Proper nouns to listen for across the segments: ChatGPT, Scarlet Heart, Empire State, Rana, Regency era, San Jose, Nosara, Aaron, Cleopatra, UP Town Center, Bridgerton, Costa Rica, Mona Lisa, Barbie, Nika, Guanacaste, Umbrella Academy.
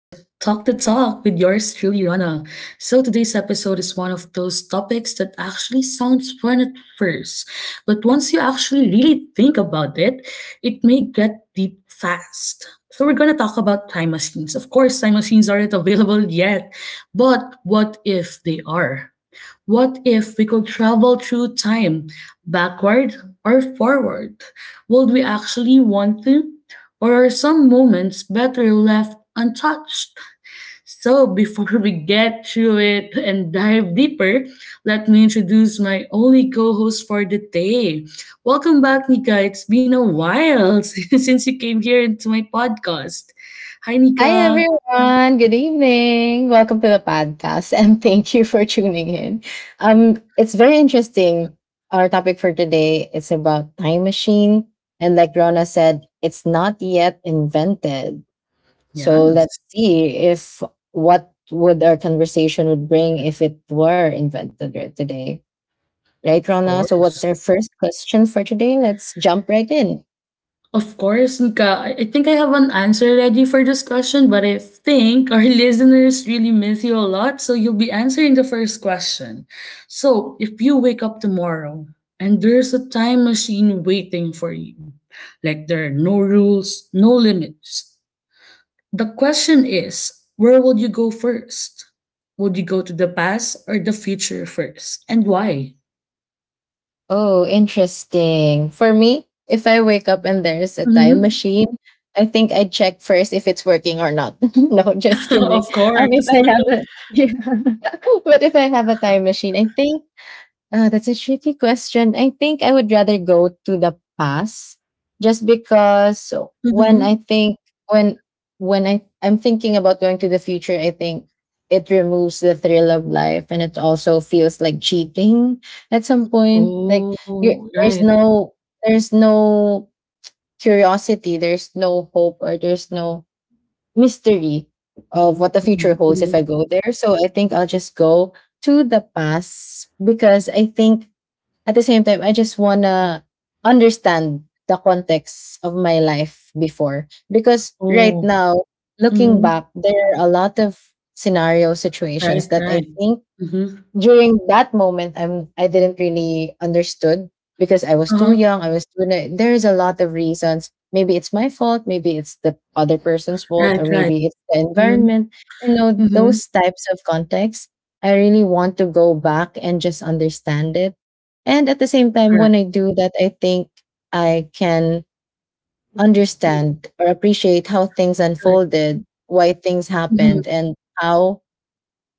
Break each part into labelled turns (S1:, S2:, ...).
S1: So today's episode is one of those topics that actually sounds fun at first, but once you actually really think about it, it may get deep fast. So we're gonna talk about time machines. Of course, time machines aren't available yet, but what if they are? What if we could travel through time, backward or forward? Would we actually want to? Or are some moments better left untouched? So, before we get through it and dive deeper, let me introduce my only co host for the day. Welcome back, Nika. It's been a while since you came here into my podcast. Hi,
S2: Hi
S1: Nika.
S2: everyone. Good evening. Welcome to the podcast and thank you for tuning in. It's very interesting. Our topic for today is about time machine, and like Rona said, it's not yet invented. So
S1: Yes,
S2: let's see if what would our conversation would bring if it were invented right today. Right,
S1: of
S2: Rona? So what's
S1: course.
S2: our first question for today? Let's jump right in.
S1: Of course, Nika. I think I have an answer ready for this question, but I think our listeners really miss you a lot, so you'll be answering the first question. So, if you wake up tomorrow and there's a time machine waiting for you, like there are no rules, no limits, the question is where would you go first? Would you go to the past or the future first, and why?
S2: Oh, interesting. For me, if I wake up and there's a time
S1: Hmm.
S2: machine, I think I'd check first if it's working or not. No, just
S1: Of
S2: kidding. If
S1: course.
S2: I have a, Yeah. But if I have a time machine, I think that's a tricky question. I think I would rather go to the past, just because when I
S1: Hmm.
S2: think when when I'm thinking about going to the future. I think it removes the thrill of life, and it also feels like cheating at some point. Like, you
S1: Oh,
S2: there's
S1: right.
S2: no there's no curiosity, there's no hope, or there's no mystery of what the future
S1: Mhm,
S2: holds if I
S1: mhm.
S2: go there. So I think I'll just go to the past, because I think, at the same time, I just wanna understand the context of my life before. Because right
S1: Oh,
S2: now, looking
S1: mhm.
S2: back, there are a lot of scenario situations
S1: Right,
S2: that I
S1: right.
S2: think,
S1: Mhm.
S2: during that moment, I didn't really understood. Because I was too
S1: Uh-huh.
S2: young, I was too na- there's a lot of reasons. Maybe it's my fault, maybe it's the other person's fault, or
S1: Right, right.
S2: maybe it's the
S1: Mhm.
S2: environment. You know,
S1: Mhm.
S2: those types of contexts, I really want to go back and just understand it. And at the same time, when
S1: Correct.
S2: I do that, I think I can
S1: Mm.
S2: understand or appreciate how things
S1: Right.
S2: unfolded, why things
S1: Mhm.
S2: happened, and how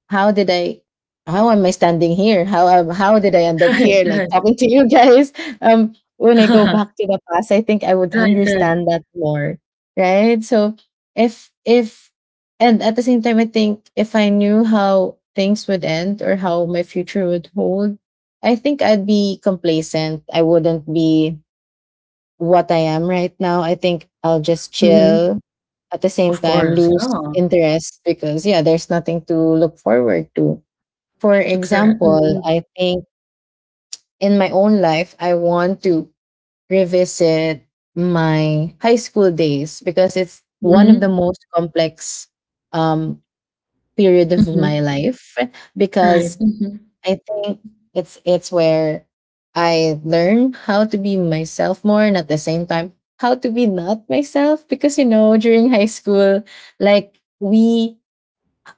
S2: how did I how am I standing here? How did I end up
S1: Right,
S2: here, like
S1: right.
S2: talking to you guys? When I go back to the past, I think I would
S1: Right, right.
S2: understand that more. Right? So, if and at the same time, I think if I knew how things would end or how my future would hold, I think I'd be complacent. I wouldn't be what I am right now. I think I'll just
S1: Mhm.
S2: chill, at the same
S1: Of
S2: time
S1: course,
S2: lose
S1: yeah.
S2: interest, because yeah, there's nothing to look forward to. For
S1: Correct.
S2: example,
S1: Mhm.
S2: I think in my own life, I want to revisit my high school days, because it's one of the
S1: Mhm.
S2: most complex um, period of my
S1: Mhm.
S2: life.
S1: Right.
S2: Because
S1: Mhm.
S2: I think it's where I learn how to be myself more, and at the same time how to be not myself, because, you know, during high school, like, we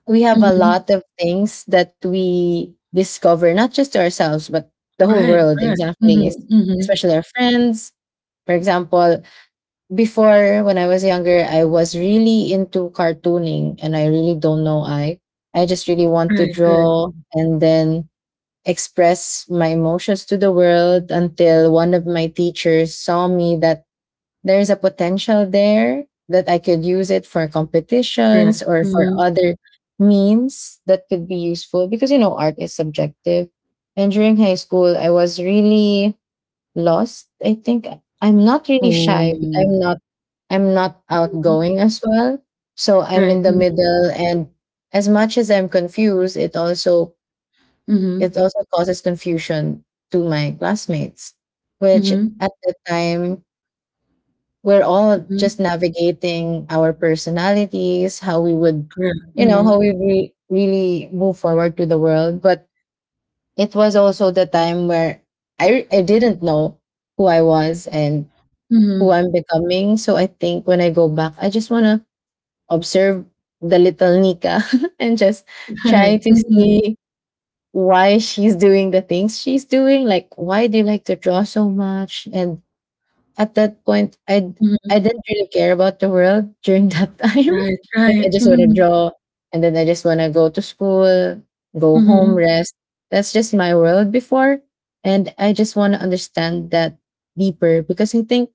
S2: we have a
S1: Mhm.
S2: lot of things that we discover, not just to ourselves, but the whole
S1: Right,
S2: world,
S1: right.
S2: exactly,
S1: Mhm. Mhm.
S2: especially our friends. For example, before, when I was younger, I was really into cartooning, and I really don't know. I just really want to
S1: Right, right.
S2: draw and then express my emotions to the world, until one of my teachers saw me that there's a potential there, that I could use it for competitions
S1: Correct.
S2: or for
S1: Mhm.
S2: other means that could be useful, because, you know, art is subjective. And during high school, I was really lost. I think I'm not really shy, but
S1: Oh.
S2: I'm not
S1: Mhm.
S2: outgoing as well. So I'm in
S1: Right.
S2: the
S1: Mhm.
S2: middle, and as much as I'm confused, it also it
S1: Mhm.
S2: also causes confusion to my classmates, which,
S1: Mhm.
S2: at the time, we're all
S1: Mhm.
S2: just navigating our personalities, how we would,
S1: Correct.
S2: you know, how we
S1: Mhm.
S2: really move forward to the world. But it was also the time where I didn't know who I was and who
S1: Mhm.
S2: I'm becoming. So I think when I go back, I just want to observe the little Nika and just
S1: Right.
S2: try to
S1: Mhm.
S2: see why she's doing the things she's doing. Like, why do you like to draw so much? And at that point, i
S1: Mhm.
S2: i didn't really care about the world during that time.
S1: Right,
S2: Like, I
S1: right.
S2: just want to
S1: Mhm.
S2: draw, and then I just want to go to school, go home,
S1: Mhm.
S2: rest. That's just my world before, and I just want to understand that deeper, because I think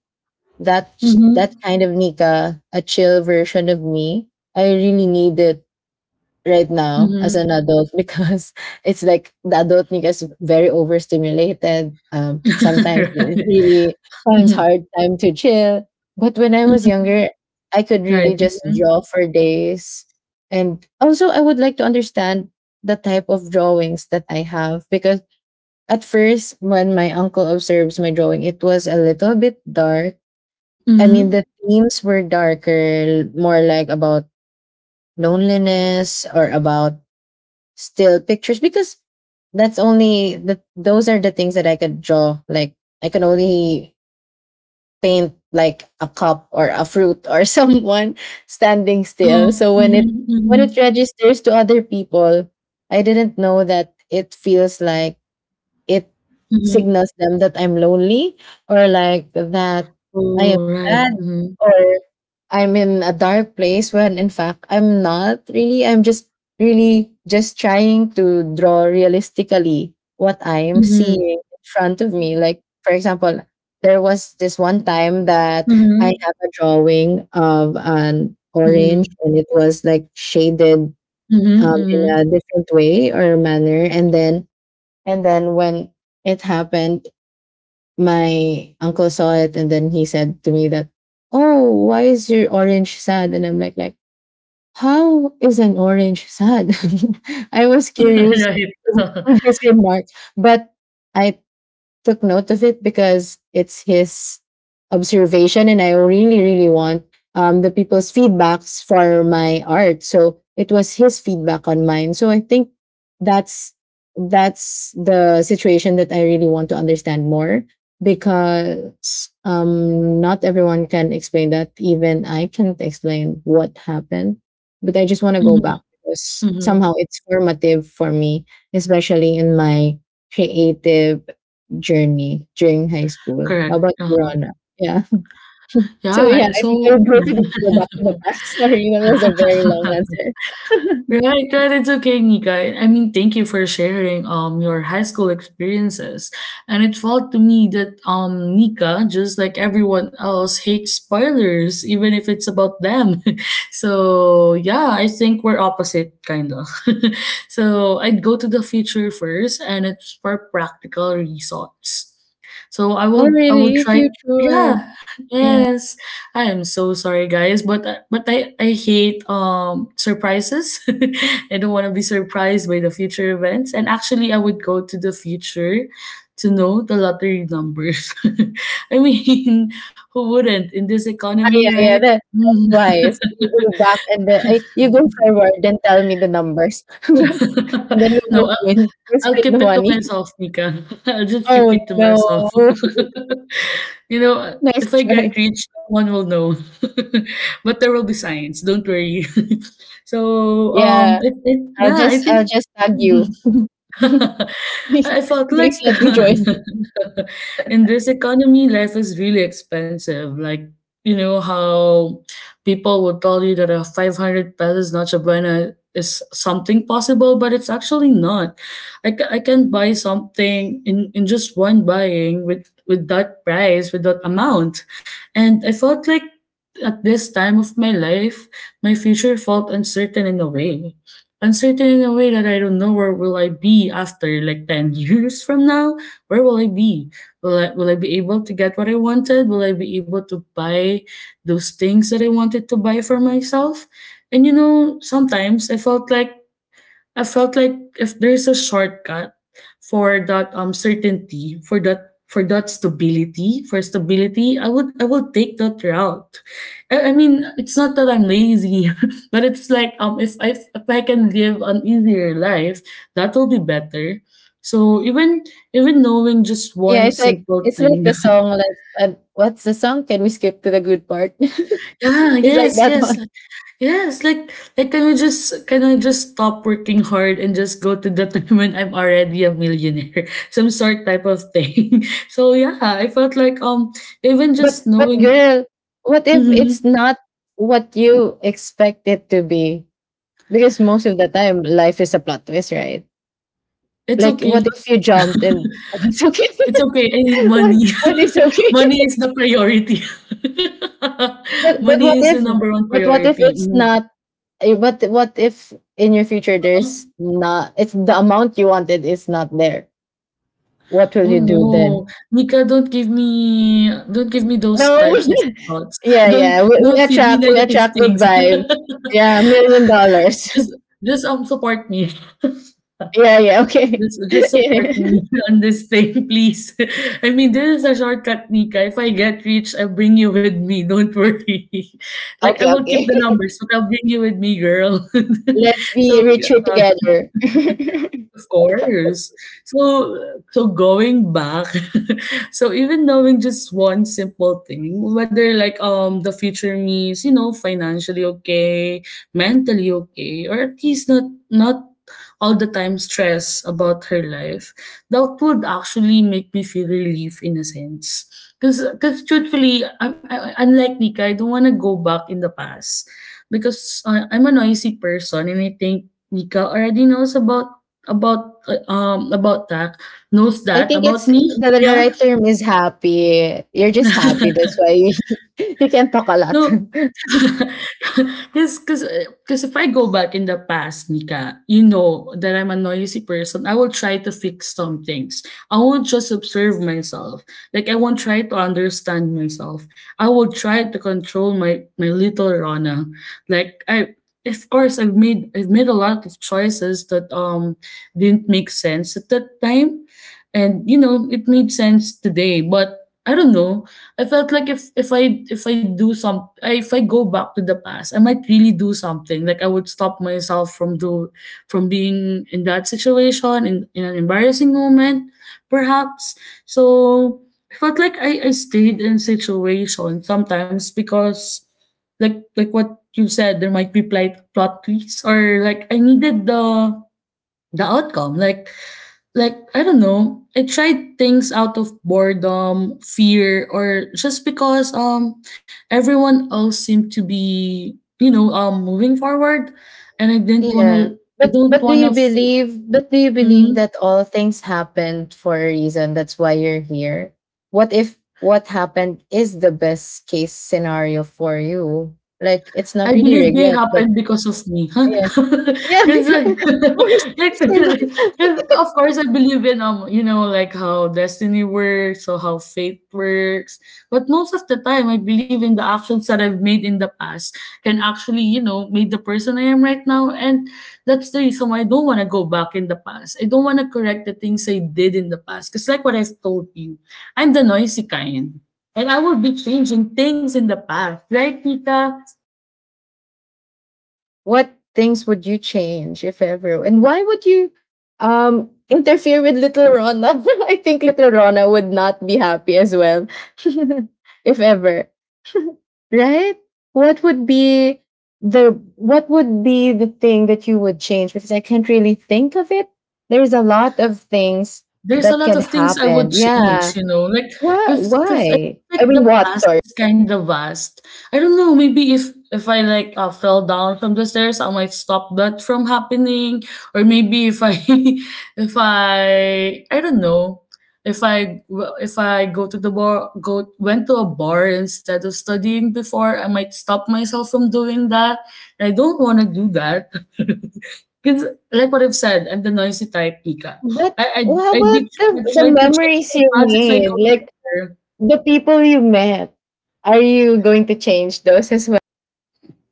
S2: that that
S1: Mhm.
S2: kind of Nika, a chill version of me, I really needed right now as an
S1: Mhm.
S2: adult. Because it's like, the adult me is very overstimulated. Sometimes it
S1: Right.
S2: really finds
S1: Mhm.
S2: hard time to chill. But when I was
S1: Mhm.
S2: younger, I could
S1: Right.
S2: really just
S1: Mhm.
S2: draw for days. And also, I would like to understand the type of drawings that I have, because at first, when my uncle observes my drawing, it was a little bit dark. I mean, the
S1: Mhm.
S2: themes were darker, more like about loneliness or about still pictures, because that's only the those are the things that I could draw. Like, I can only paint like a cup or a fruit or someone standing still.
S1: Oh.
S2: So when it
S1: Mhm.
S2: when it
S1: Mhm.
S2: registers to other people, I didn't know that it feels like it
S1: Mhm.
S2: signals them that I'm lonely, or like that I am
S1: Oh, right.
S2: sad,
S1: Mhm.
S2: or I'm in a dark place, when in fact I'm not really. I'm just really just trying to draw realistically what I'm
S1: Mhm.
S2: seeing in front of me. Like, for example, there was this one time that I
S1: Mhm.
S2: have a drawing of an orange,
S1: Mhm.
S2: and it was like shaded
S1: Mhm.
S2: in
S1: Mhm.
S2: a different way or manner. And then, when it happened, my uncle saw it, and then he said to me that, "Oh, why is your orange sad?" And I'm like, how is an orange sad? I was curious
S1: Right.
S2: with this remark, but I took note of it, because it's his observation, and I really, really want the people's feedbacks for my art. So it was his feedback on mine. So I think that's that's the situation that I really want to understand more, because not everyone can explain that. Even I can't explain what happened. But I just want to go
S1: Mhm.
S2: back because somehow
S1: Mhm.
S2: it's formative for me, especially in my creative journey during high school. How
S1: Correct.
S2: about you,
S1: Uh-huh.
S2: Rona? Yeah.
S1: Yeah,
S2: So yeah,
S1: I
S2: I think I
S1: so
S2: would go to the, go back to the past. Sorry, that was a very long answer.
S1: right, right. It's okay, Nika. I mean, thank you for sharing your high school experiences. And it felt to me that Nika, just like everyone else, hates spoilers, even if it's about them. So yeah, I think we're opposite kinda. So I'd go to the future first, and it's for practical results. So I
S2: Oh,
S1: will I will
S2: really?
S1: try.
S2: Future.
S1: Yeah.
S2: Yeah.
S1: Yes. I am so sorry, guys, but I hate surprises. I don't want to be surprised by the future events. And actually, I would go to the future to know the lottery numbers. I mean, who wouldn't in this
S2: Ah,
S1: economy,
S2: yeah, yeah.
S1: right?
S2: That's
S1: Mm.
S2: wise. You go back, and then you go forward, then tell me the numbers, and then we'll both
S1: No,
S2: win. We'll
S1: I'll
S2: split the
S1: keep it to
S2: money.
S1: myself, Nika. I'll just keep
S2: Oh
S1: it to
S2: no!
S1: myself. You know,
S2: Nice
S1: if I get
S2: try.
S1: rich, no one will know. But there will be signs, don't worry. So,
S2: Yeah, I'll
S1: yeah, I
S2: just I'll
S1: think
S2: just tag you. Please,
S1: I felt like
S2: please let me join.
S1: in this economy, life is really expensive. Like, you know, how people would tell you that a 500 pesos nacho buena is something possible, but it's actually not. I can buy something in just one buying with that price, with that amount. And I felt like at this time of my life, my future felt uncertain in a way uncertain in a way that I don't know where will I be after like 10 years from now. Where will I be? Will I be able to get what I wanted? Will I be able to buy those things that I wanted to buy for myself? And you know, sometimes I felt like if there's a shortcut for that certainty, for that stability, for stability, I would take that route. I mean, it's not that I'm lazy, but it's like if I can live an easier life, that will be better. So even even knowing just
S2: Yeah,
S1: one
S2: it's like
S1: simple
S2: it's like
S1: thing,
S2: the song, like, what's the song? Can we skip to the good part?
S1: yeah,
S2: It's like
S1: yes,
S2: that
S1: yes,
S2: one.
S1: Yes, like can you just can I just stop working hard and just go to the time when I'm already a millionaire? Some sort type of thing. So yeah, I felt like even
S2: But
S1: just
S2: but
S1: knowing
S2: girl, what if
S1: mm-hmm,
S2: it's not what you expect it to be? Because most of the time, life is a plot twist, right?
S1: it's
S2: Like, what
S1: okay.
S2: if you jumped and what's okay?
S1: It's okay. I need
S2: what
S1: money.
S2: what is okay?
S1: Money is the priority.
S2: But
S1: Money
S2: what
S1: is the
S2: if
S1: number one
S2: but what if
S1: priority.
S2: it's
S1: Mhm.
S2: not eh, but what if in your future
S1: Huh?
S2: there's not it's the amount you wanted is not there? What will
S1: Oh
S2: you do then?
S1: no, Mika, don't give me those
S2: No.
S1: types of thoughts.
S2: Yeah, yeah. We,
S1: Don't
S2: we
S1: feed me
S2: attract we
S1: negative
S2: attract good
S1: things.
S2: vibes. Yeah, $1 million.
S1: Just just, support me.
S2: Yeah, yeah, okay.
S1: Just
S2: Yeah,
S1: just
S2: yeah.
S1: support me on this thing, please. I mean, this is a shortcut, Nika. If I get rich, I'll bring you with me. Don't worry. Like, I
S2: Okay,
S1: will keep the
S2: okay.
S1: numbers, but I'll bring you with me, girl.
S2: Let's be
S1: So, yeah.
S2: richer together.
S1: Of course. So so going back, so even knowing just one simple thing, whether like the future me is you know, financially okay, mentally okay, or at least not all the time stress about her life, that would actually make me feel relief in a sense. Because truthfully, I'm, I, unlike Nika, I don't want to go back in the past because I'm a noisy person and I think Nika already knows about that knows
S2: I
S1: that
S2: think,
S1: about me,
S2: the
S1: yeah.
S2: right term is happy. You're just happy. That's why you can talk a lot.
S1: No. Cause, cause if I go back in the past, Nika, you know that I'm a noisy person. I will try to fix some things. I won't just observe myself. Like I won't try to understand myself. I will try to control my little Rana. Like I of course I've made a lot of choices that didn't make sense at that time. And you know, it made sense today, but I don't know. I felt like if I go back to the past, I might really do something. Like I would stop myself from being in that situation in an embarrassing moment, perhaps. So I felt like I stayed in situation sometimes because like what you said, there might be plot twists or like I needed the outcome like I don't know I tried things out of boredom fear or just because everyone else seemed to be you know moving forward and I didn't want
S2: Yeah.
S1: to i
S2: But
S1: don't
S2: but do
S1: want
S2: you believe but do you believe
S1: to
S2: that all things happened for a reason? That's why you're here. What if what happened is the best case scenario for you? Like, it's
S1: I
S2: not really
S1: believe they
S2: regret, but
S1: happened because of me. Huh?
S2: yeah. Yeah,
S1: Because
S2: because
S1: like,
S2: of course
S1: like
S2: it's your life.
S1: of course I believe in you know like how destiny works or how fate works, but most of the time I believe in the actions that I've made in the past can actually you know make the person I am right now, and that's the reason why I don't want to go back in the past. I don't want to correct the things I did in the past because like what I've told you, I'm the noisy kind. And I will be changing things in the past, right, Tika?
S2: What things would you change if ever? And why would you interfere with little Rona? I think little Rona would not be happy as well. If ever. Right? What would be what would be the thing that you would change? Because I can't really think of it. There's a lot of things
S1: There's a
S2: that
S1: lot
S2: can
S1: of things I would
S2: happen.
S1: change,
S2: Yeah.
S1: you know, like
S2: Why?
S1: because I
S2: Why?
S1: feel
S2: I
S1: like
S2: mean,
S1: the
S2: what?
S1: past
S2: Sorry.
S1: is kind of vast. I don't know, maybe if I like fell down from the stairs, I might stop that from happening, or maybe if I if I I don't know if I well, if I go to the bar go went to a bar instead of studying before, I might stop myself from doing that. I don't want to do that. Because, like what I've said, I'm the noisy type, Pika.
S2: But
S1: I I
S2: how
S1: I
S2: about
S1: did I
S2: the
S1: tried to change
S2: memories you
S1: my past as I
S2: made?
S1: go
S2: Like
S1: there.
S2: the people you met. Are you going to change those as well?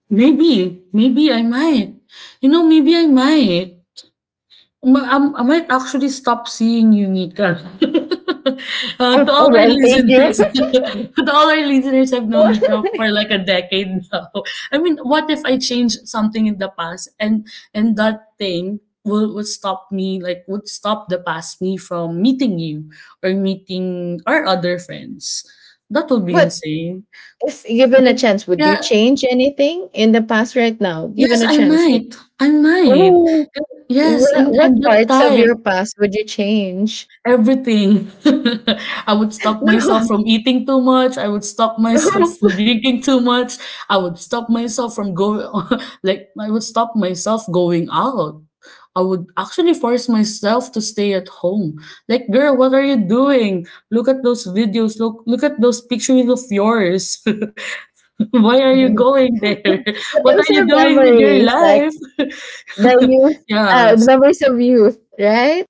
S1: Maybe, maybe I might. You know, maybe I might. Ma I might actually stop seeing you, Nika. To
S2: Oh,
S1: all
S2: oh
S1: our
S2: well, thank you.
S1: listeners, to all our listeners, I've known
S2: What?
S1: Nika for like a decade now. I mean, what if I change something in the past and that thing will would stop me, like would stop the past me from meeting you or meeting our other friends? That would be
S2: But
S1: insane.
S2: if given
S1: Like,
S2: a chance, would you
S1: yeah,
S2: change anything in the past right now? Given
S1: yes,
S2: a
S1: I
S2: chance, like...
S1: might, I might.
S2: Oh,
S1: Yes,
S2: what
S1: and that
S2: parts of
S1: type.
S2: your past would you change?
S1: Everything. I would stop myself from eating too much. I would stop
S2: No,
S1: myself
S2: no.
S1: from drinking too much. I would stop myself like, I would stop myself going out. I would actually force myself to stay at home. Like, girl, what are you doing? Look at those videos. Look at those pictures of yours. Why are you going there?
S2: But
S1: What are
S2: those
S1: you
S2: are
S1: doing with your
S2: memories, like
S1: life?
S2: the youth,
S1: Yeah,
S2: the memories of youth, right?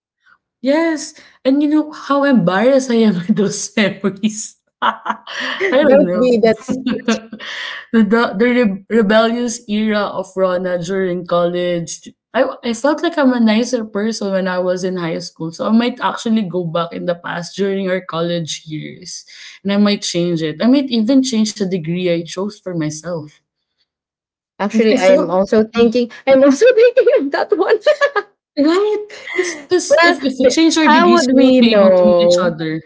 S1: yes, and you know how embarrassed I am with those memories. I don't
S2: Don't
S1: know.
S2: be. That's
S1: The rebellious era of Rona during college. I felt like I'm a nicer person when I was in high school. So I might actually go back in the past during our college years. And I might change it. I might even change the degree I chose for myself. I
S2: actually, I'm
S1: felt
S2: also thinking I'm also thinking of that one.
S1: right. Because
S2: Well,
S1: if we
S2: b-
S1: change our
S2: how
S1: degrees,
S2: would
S1: we
S2: we
S1: won't be able to meet each
S2: know?
S1: other.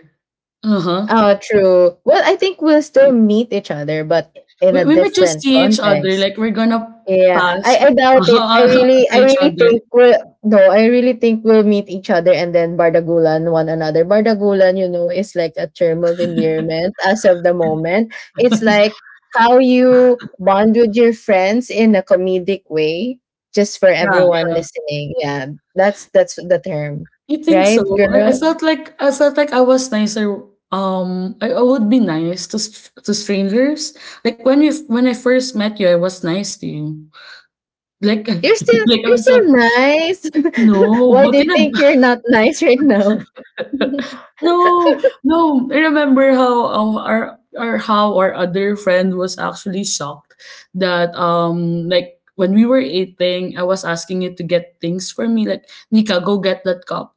S1: Uh-huh.
S2: Oh, true. Well, I think we'll still meet each other, but in
S1: We,
S2: a
S1: we might just
S2: different
S1: see each other,
S2: context.
S1: like we're gonna
S2: Yeah,
S1: pass
S2: I doubt it.
S1: to
S2: I
S1: each
S2: really
S1: other.
S2: think we'll No, I really think we'll meet each other and then bardagulan one another. Bardagulan is like a term of endearment as of the moment. It's like how you bond with your friends in a comedic way, just for
S1: Yeah,
S2: everyone listening. Yeah, that's the term.
S1: you think so?
S2: Right, girl?
S1: I felt like I was nicer. I would be nice to to strangers. Like when I first met you, I was nice to you. Like
S2: You're still
S1: like I
S2: you're
S1: was
S2: still
S1: like
S2: nice.
S1: no,
S2: Why do
S1: but
S2: you
S1: in a
S2: think you're not nice right now?
S1: No, no. I remember how our or how our other friend was actually shocked that like when we were eating, I was asking you to get things for me like Nika, go get that cup.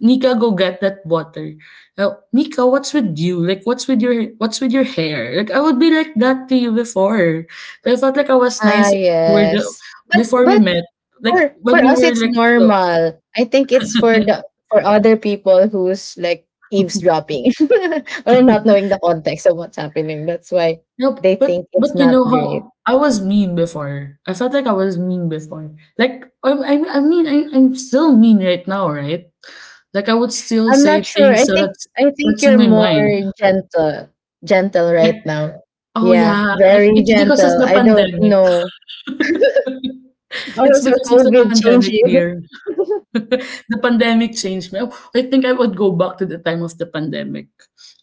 S1: Nika, go get that water. Nika, what's with you? Like, what's with your hair? Like, I would be like that to you before. So I felt like I was
S2: Ah,
S1: nice when we were
S2: yes. But
S1: before we
S2: but
S1: met. Like
S2: for for
S1: when we
S2: us
S1: were
S2: it's
S1: like.
S2: normal. I think it's for other people who's like eavesdropping or not knowing the context of what's happening. That's why they
S1: Nope,
S2: think it's
S1: but you
S2: not
S1: know
S2: great.
S1: how I was mean before. I felt like I was mean before. I mean I'm still mean right now, right? Like I would still
S2: I'm
S1: say
S2: not sure. I
S1: things so
S2: think I think
S1: that's in
S2: you're
S1: my
S2: more
S1: mind.
S2: gentle gentle
S1: Right?
S2: right now.
S1: Oh
S2: Yeah,
S1: yeah,
S2: very
S1: it's because of
S2: gentle.
S1: the
S2: I don't
S1: pandemic.
S2: know.
S1: It's
S2: Also,
S1: because of the
S2: COVID changed
S1: pandemic,
S2: you.
S1: dear. The pandemic changed me. I think I would go back to the time of the pandemic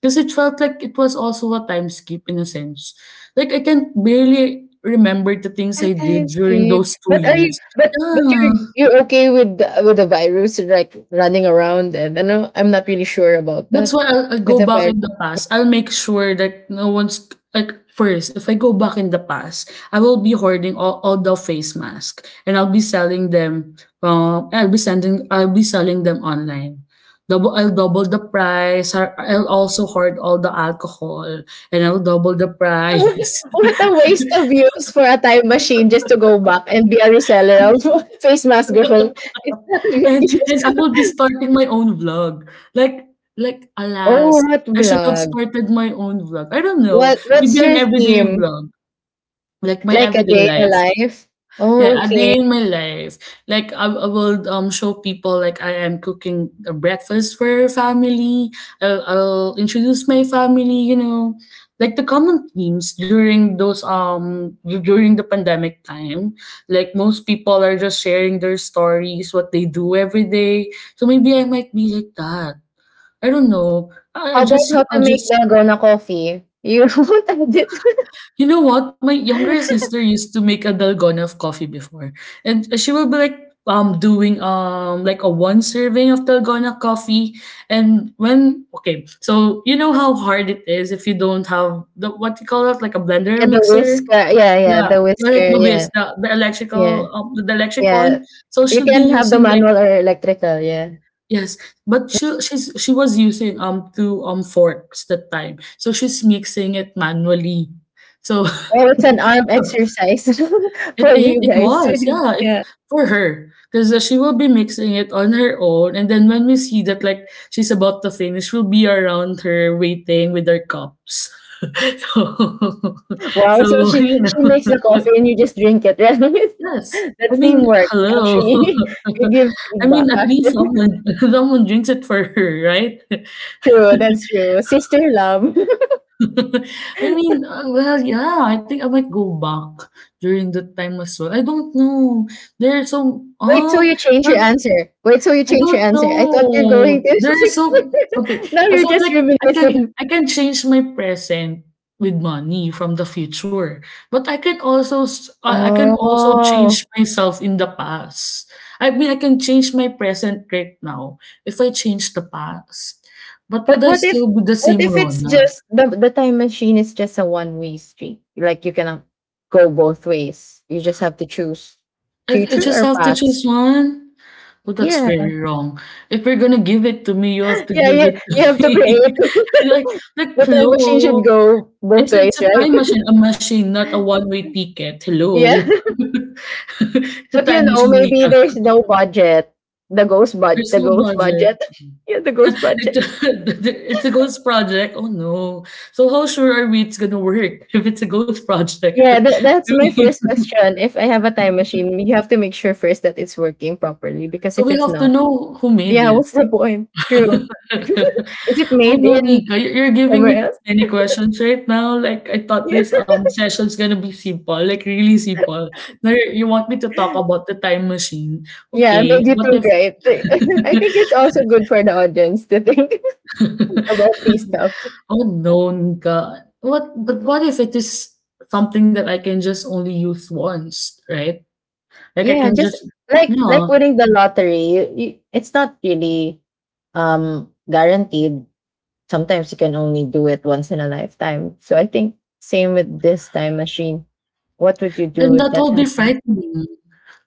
S1: because it felt like it was also a time skip in a sense. Like I can barely remember the things
S2: A
S1: I did during
S2: timescape.
S1: those two
S2: But are you
S1: years.
S2: but but
S1: Yeah.
S2: you're you're okay with the virus like running around, and I know I'm not really sure about
S1: That's
S2: that
S1: why I'll
S2: with
S1: go
S2: the
S1: back
S2: virus.
S1: in the past. I'll make sure that no one's like first. If I go back in the past, I will be hoarding all the face mask, and I'll be selling them. I'll be sending. I'll be selling them online. Double. I'll double the price. I'll also hoard all the alcohol, and I'll double the price.
S2: what a waste of use for a time machine just to go back and be a reseller of face mask girl. It's not a good
S1: And I
S2: use.
S1: will be starting my own vlog. Like
S2: oh,
S1: alas,
S2: what
S1: I should have
S2: vlog?
S1: started my own vlog. I don't know.
S2: What's
S1: Maybe an
S2: your
S1: everyday
S2: theme?
S1: vlog. Like my
S2: Like a
S1: everyday
S2: day in a
S1: life.
S2: life?
S1: Yeah,
S2: Oh,
S1: a
S2: okay.
S1: day in my life. Like I will show people like I am cooking a breakfast for family. I'll introduce my family, you know. Like the common themes during those during the pandemic time, like most people are just sharing their stories, what they do every day. So maybe I might be like that. I don't know.
S2: How about how to
S1: I'll
S2: make
S1: just
S2: dalgona coffee? You what I did?
S1: You know what? My younger sister used to make a dalgona of coffee before. And she will be like doing like a one serving of dalgona coffee and when okay so you know how hard it is if you don't have the what you call it like a blender or
S2: Yeah, the
S1: mixer
S2: whisker. Yeah, yeah,
S1: yeah
S2: the
S1: yeah like
S2: whisker. Yeah,
S1: the electrical
S2: yeah,
S1: the electric
S2: yeah.
S1: one so
S2: You
S1: she'll be
S2: can have the
S1: using like
S2: manual or electrical. Yeah.
S1: yes but she was using two forks that time so she's mixing it manually so
S2: Oh, it's an arm exercise for you
S1: It
S2: guys.
S1: was, yeah, it
S2: yeah.
S1: for her because she will be mixing it on her own, and then when we see that like she's about to finish, we'll be around her waiting with our cups. so,
S2: Wow.
S1: so
S2: So she
S1: you know,
S2: she makes the coffee and you just drink it, right?
S1: yes. I
S2: That's
S1: mean,
S2: teamwork,
S1: hello.
S2: actually. you give
S1: I
S2: feedback
S1: mean, at least
S2: after.
S1: someone someone drinks it for her, right?
S2: true. That's true. Sister love.
S1: I mean, well, yeah. I think I might go back during that time as well. I don't know. There are some.
S2: Wait till
S1: Oh,
S2: you change your answer. Wait till you
S1: I
S2: change your
S1: don't
S2: answer. I thought you're going
S1: know. There is
S2: to.
S1: so okay.
S2: now
S1: I
S2: you're
S1: felt
S2: just
S1: like I can
S2: reminiscing.
S1: I can change my present with money from the future, but I can also I can also change
S2: Oh.
S1: myself in the past. I mean, I can change my present right now if I change the past. But
S2: But
S1: would I
S2: what if
S1: still be the
S2: what
S1: same
S2: if it's
S1: Rona?
S2: just the time machine is just a one way street? Like you cannot go both ways. You just have to choose
S1: I
S2: future
S1: just
S2: or
S1: have to
S2: past.
S1: choose one. Well, that's
S2: Yeah,
S1: very wrong. If you're gonna give it to me, you have to
S2: yeah,
S1: give
S2: yeah.
S1: it
S2: You have
S1: to
S2: to
S1: me.
S2: create.
S1: like, like,
S2: the time machine should
S1: hello.
S2: go both
S1: It's a
S2: ways, right?
S1: time machine, a machine, not a one-way ticket.
S2: yeah,
S1: Hello. It's a
S2: but
S1: time machine,
S2: maybe
S1: Mika.
S2: there's no budget. The ghost bud,
S1: There's
S2: the
S1: no
S2: ghost
S1: budget.
S2: budget. yeah, the ghost
S1: It's
S2: budget.
S1: a it's a ghost project. Oh, no. So how sure are we it's gonna work if it's a ghost project? I
S2: Yeah, that's my
S1: mean,
S2: first question. If I have a time machine, you have to make sure first that it's working properly because
S1: so
S2: if
S1: we
S2: it's
S1: have to
S2: not.
S1: know who made
S2: Yeah,
S1: it.
S2: what's the point? True. Is it
S1: Oh,
S2: made
S1: no,
S2: in
S1: Nika, you're giving
S2: somewhere
S1: me too
S2: else?
S1: many questions right now. Like, I thought
S2: Yeah.
S1: this, session's gonna be simple, like, really simple. Now you want me to talk about the time machine.
S2: Yeah, it
S1: Okay,
S2: made you
S1: what
S2: think,
S1: if
S2: right? I think it's also good for the audience to think about these stuff.
S1: Oh, no, God. What, but what if it is something that I can just only use once, right? Like I
S2: Yeah,
S1: can
S2: just
S1: just,
S2: like
S1: no.
S2: winning the lottery, it's not really guaranteed. Sometimes you can only do it once in a lifetime. So I think same with this time machine. What would you
S1: Then
S2: do if
S1: that will
S2: that
S1: be
S2: happens?
S1: frightening.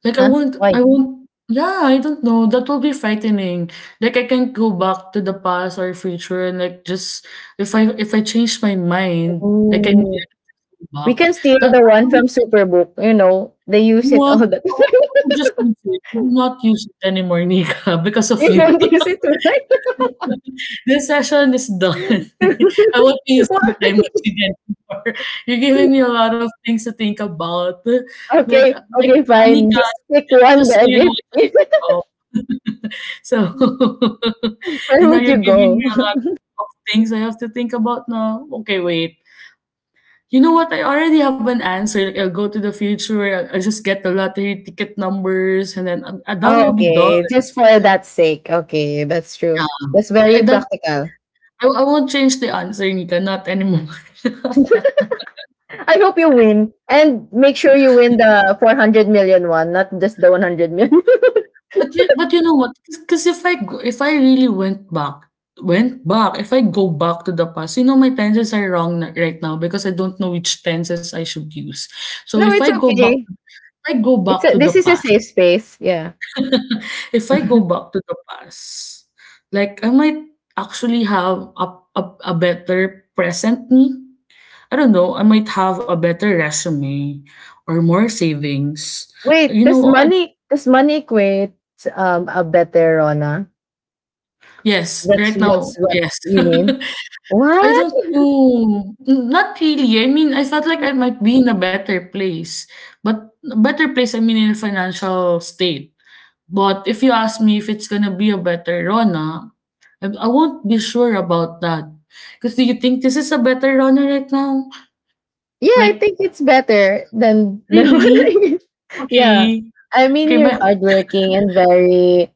S1: Like
S2: Huh? Why?
S1: I won't, yeah, I don't know. That will be frightening. Like I can go back to the past or future and like just if I change my mind, I can
S2: Ooh.
S1: go
S2: We
S1: back.
S2: can steal
S1: That,
S2: the
S1: that
S2: one
S1: will be
S2: from Superbook. You know, they use it all
S1: what
S2: the
S1: I
S2: time.
S1: will just use it. I will not use it anymore, Nika, because of
S2: you
S1: you.
S2: don't use it to write.
S1: This session is done. I won't be using the
S2: What?
S1: time much again anymore. You're giving me a lot of things to think about.
S2: Okay,
S1: Like
S2: okay, fine.
S1: Anika,
S2: Just pick one
S1: just so
S2: then.
S1: you know,
S2: If,
S1: I just woke up. So,
S2: where
S1: and now
S2: would
S1: you're
S2: you
S1: giving me
S2: go?
S1: a lot of things I have to think about now. Okay, wait. You know what? I already have an answer. Like, I'll go to the future. I'll just get the lottery ticket numbers, and then that will be done.
S2: okay, just for that sake. Okay, that's true. That's very
S1: Yeah,
S2: practical.
S1: I won't change the answer, Nika, not anymore.
S2: I hope you win, and make sure you win the 400 million one, not just the 100 million.
S1: But you know what, because if I go if I really went back, if I go back to the past, you know my tenses are wrong na right now because I don't know which tenses I should use. So
S2: no,
S1: if I
S2: it's
S1: go back
S2: okay.
S1: if I go
S2: It's
S1: back
S2: a,
S1: to the
S2: this is a
S1: past,
S2: safe space. Yeah.
S1: if I go back to the past, like I might actually have a a better present me. I don't know, I might have a better resume or more savings.
S2: Wait,
S1: You
S2: does
S1: know, I,
S2: money does money equate a beterona?
S1: yes,
S2: That's
S1: right now,
S2: that's what
S1: yes.
S2: you mean?
S1: I
S2: What?
S1: don't know. Not really. I mean, I felt like I might be in a better place. But a better place, I mean, in a financial state. But if you ask me if it's gonna be a better Rona, I won't be sure about that. Because do you think this is a better Rona right now?
S2: Yeah, I
S1: Like,
S2: think it's better than than what
S1: really?
S2: I mean. Yeah.
S1: Okay.
S2: I mean
S1: Okay,
S2: you're
S1: my,
S2: hardworking and very,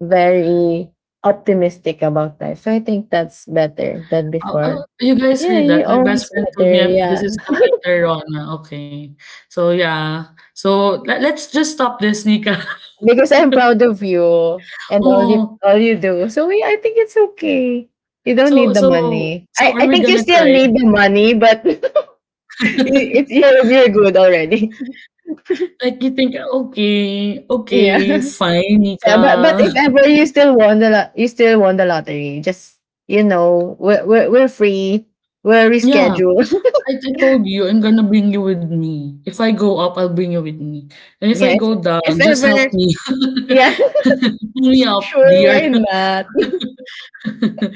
S2: very optimistic about life. So I think that's better than
S1: Oh
S2: before.
S1: oh, you guys
S2: Yeah,
S1: heard
S2: you're
S1: that? My best
S2: always
S1: friend told
S2: better.
S1: me, "This
S2: Yeah.
S1: is the better Rona." Okay. So, yeah. So, let's just stop this, Nika.
S2: Because I'm proud of you and all you
S1: Oh,
S2: all you do. So yeah, I think it's okay. You don't need
S1: so
S2: the
S1: so
S2: money. I,
S1: so
S2: I
S1: are we
S2: think you
S1: gonna
S2: still
S1: cry?
S2: need the money, but you're good already.
S1: Like, you think, "Okay,
S2: yeah.
S1: okay, fine,
S2: So, but
S1: Nika."
S2: if ever you still won the you still won the lottery, just you know we're free. We're
S1: Yeah,
S2: rescheduled.
S1: I told you I'm gonna bring you with me. If I go up, I'll bring you with me. And if I
S2: yeah.
S1: go down,
S2: If
S1: just help
S2: ever,
S1: me.
S2: yeah.
S1: Pull me up,
S2: Sure, why
S1: dear.
S2: not?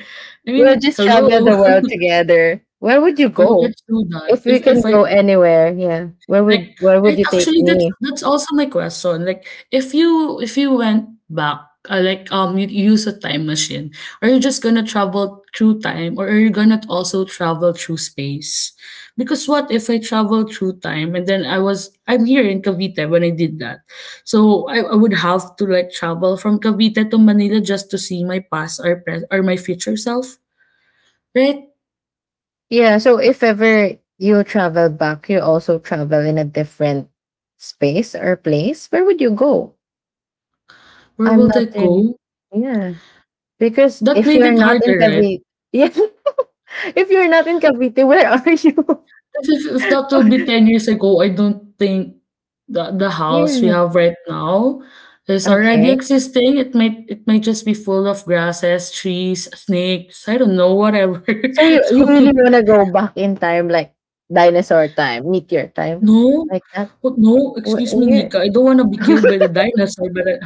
S1: I
S2: We'll
S1: mean,
S2: just travel
S1: hello.
S2: the world together. Where would you
S1: Oh,
S2: go?
S1: let's do that.
S2: If we can
S1: If I
S2: go anywhere, yeah. Where
S1: like
S2: would where would
S1: like
S2: you take
S1: actually
S2: me?
S1: that's also my question. Like if you went back, like you, you use a time machine, are you just gonna travel through time or are you gonna also travel through space? Because what if I travel through time and then I'm here in Cavite when I did that. So I would have to like travel from Cavite to Manila just to see my past or pres or my future self, right?
S2: Yeah, so if ever you travel back, you also travel in a different space or place, where would you go?
S1: Where
S2: I'm
S1: will I
S2: not really,
S1: go?
S2: yeah. Because
S1: That
S2: if
S1: made
S2: you're
S1: it
S2: not in
S1: harder, right?
S2: Cavite, yeah. If you're not in Cavite, where are you?
S1: Because if that will be 10 years ago, I don't think the house we
S2: Yeah.
S1: have right now is already
S2: Okay.
S1: existing. It might just be full of grasses, trees, snakes, I don't know, whatever.
S2: So you
S1: So
S2: really wanna go back in time, like dinosaur time, meteor time?
S1: No.
S2: Like that?
S1: Oh, no, excuse me,
S2: Where?
S1: Nika. I don't wanna be killed by the dinosaur, but I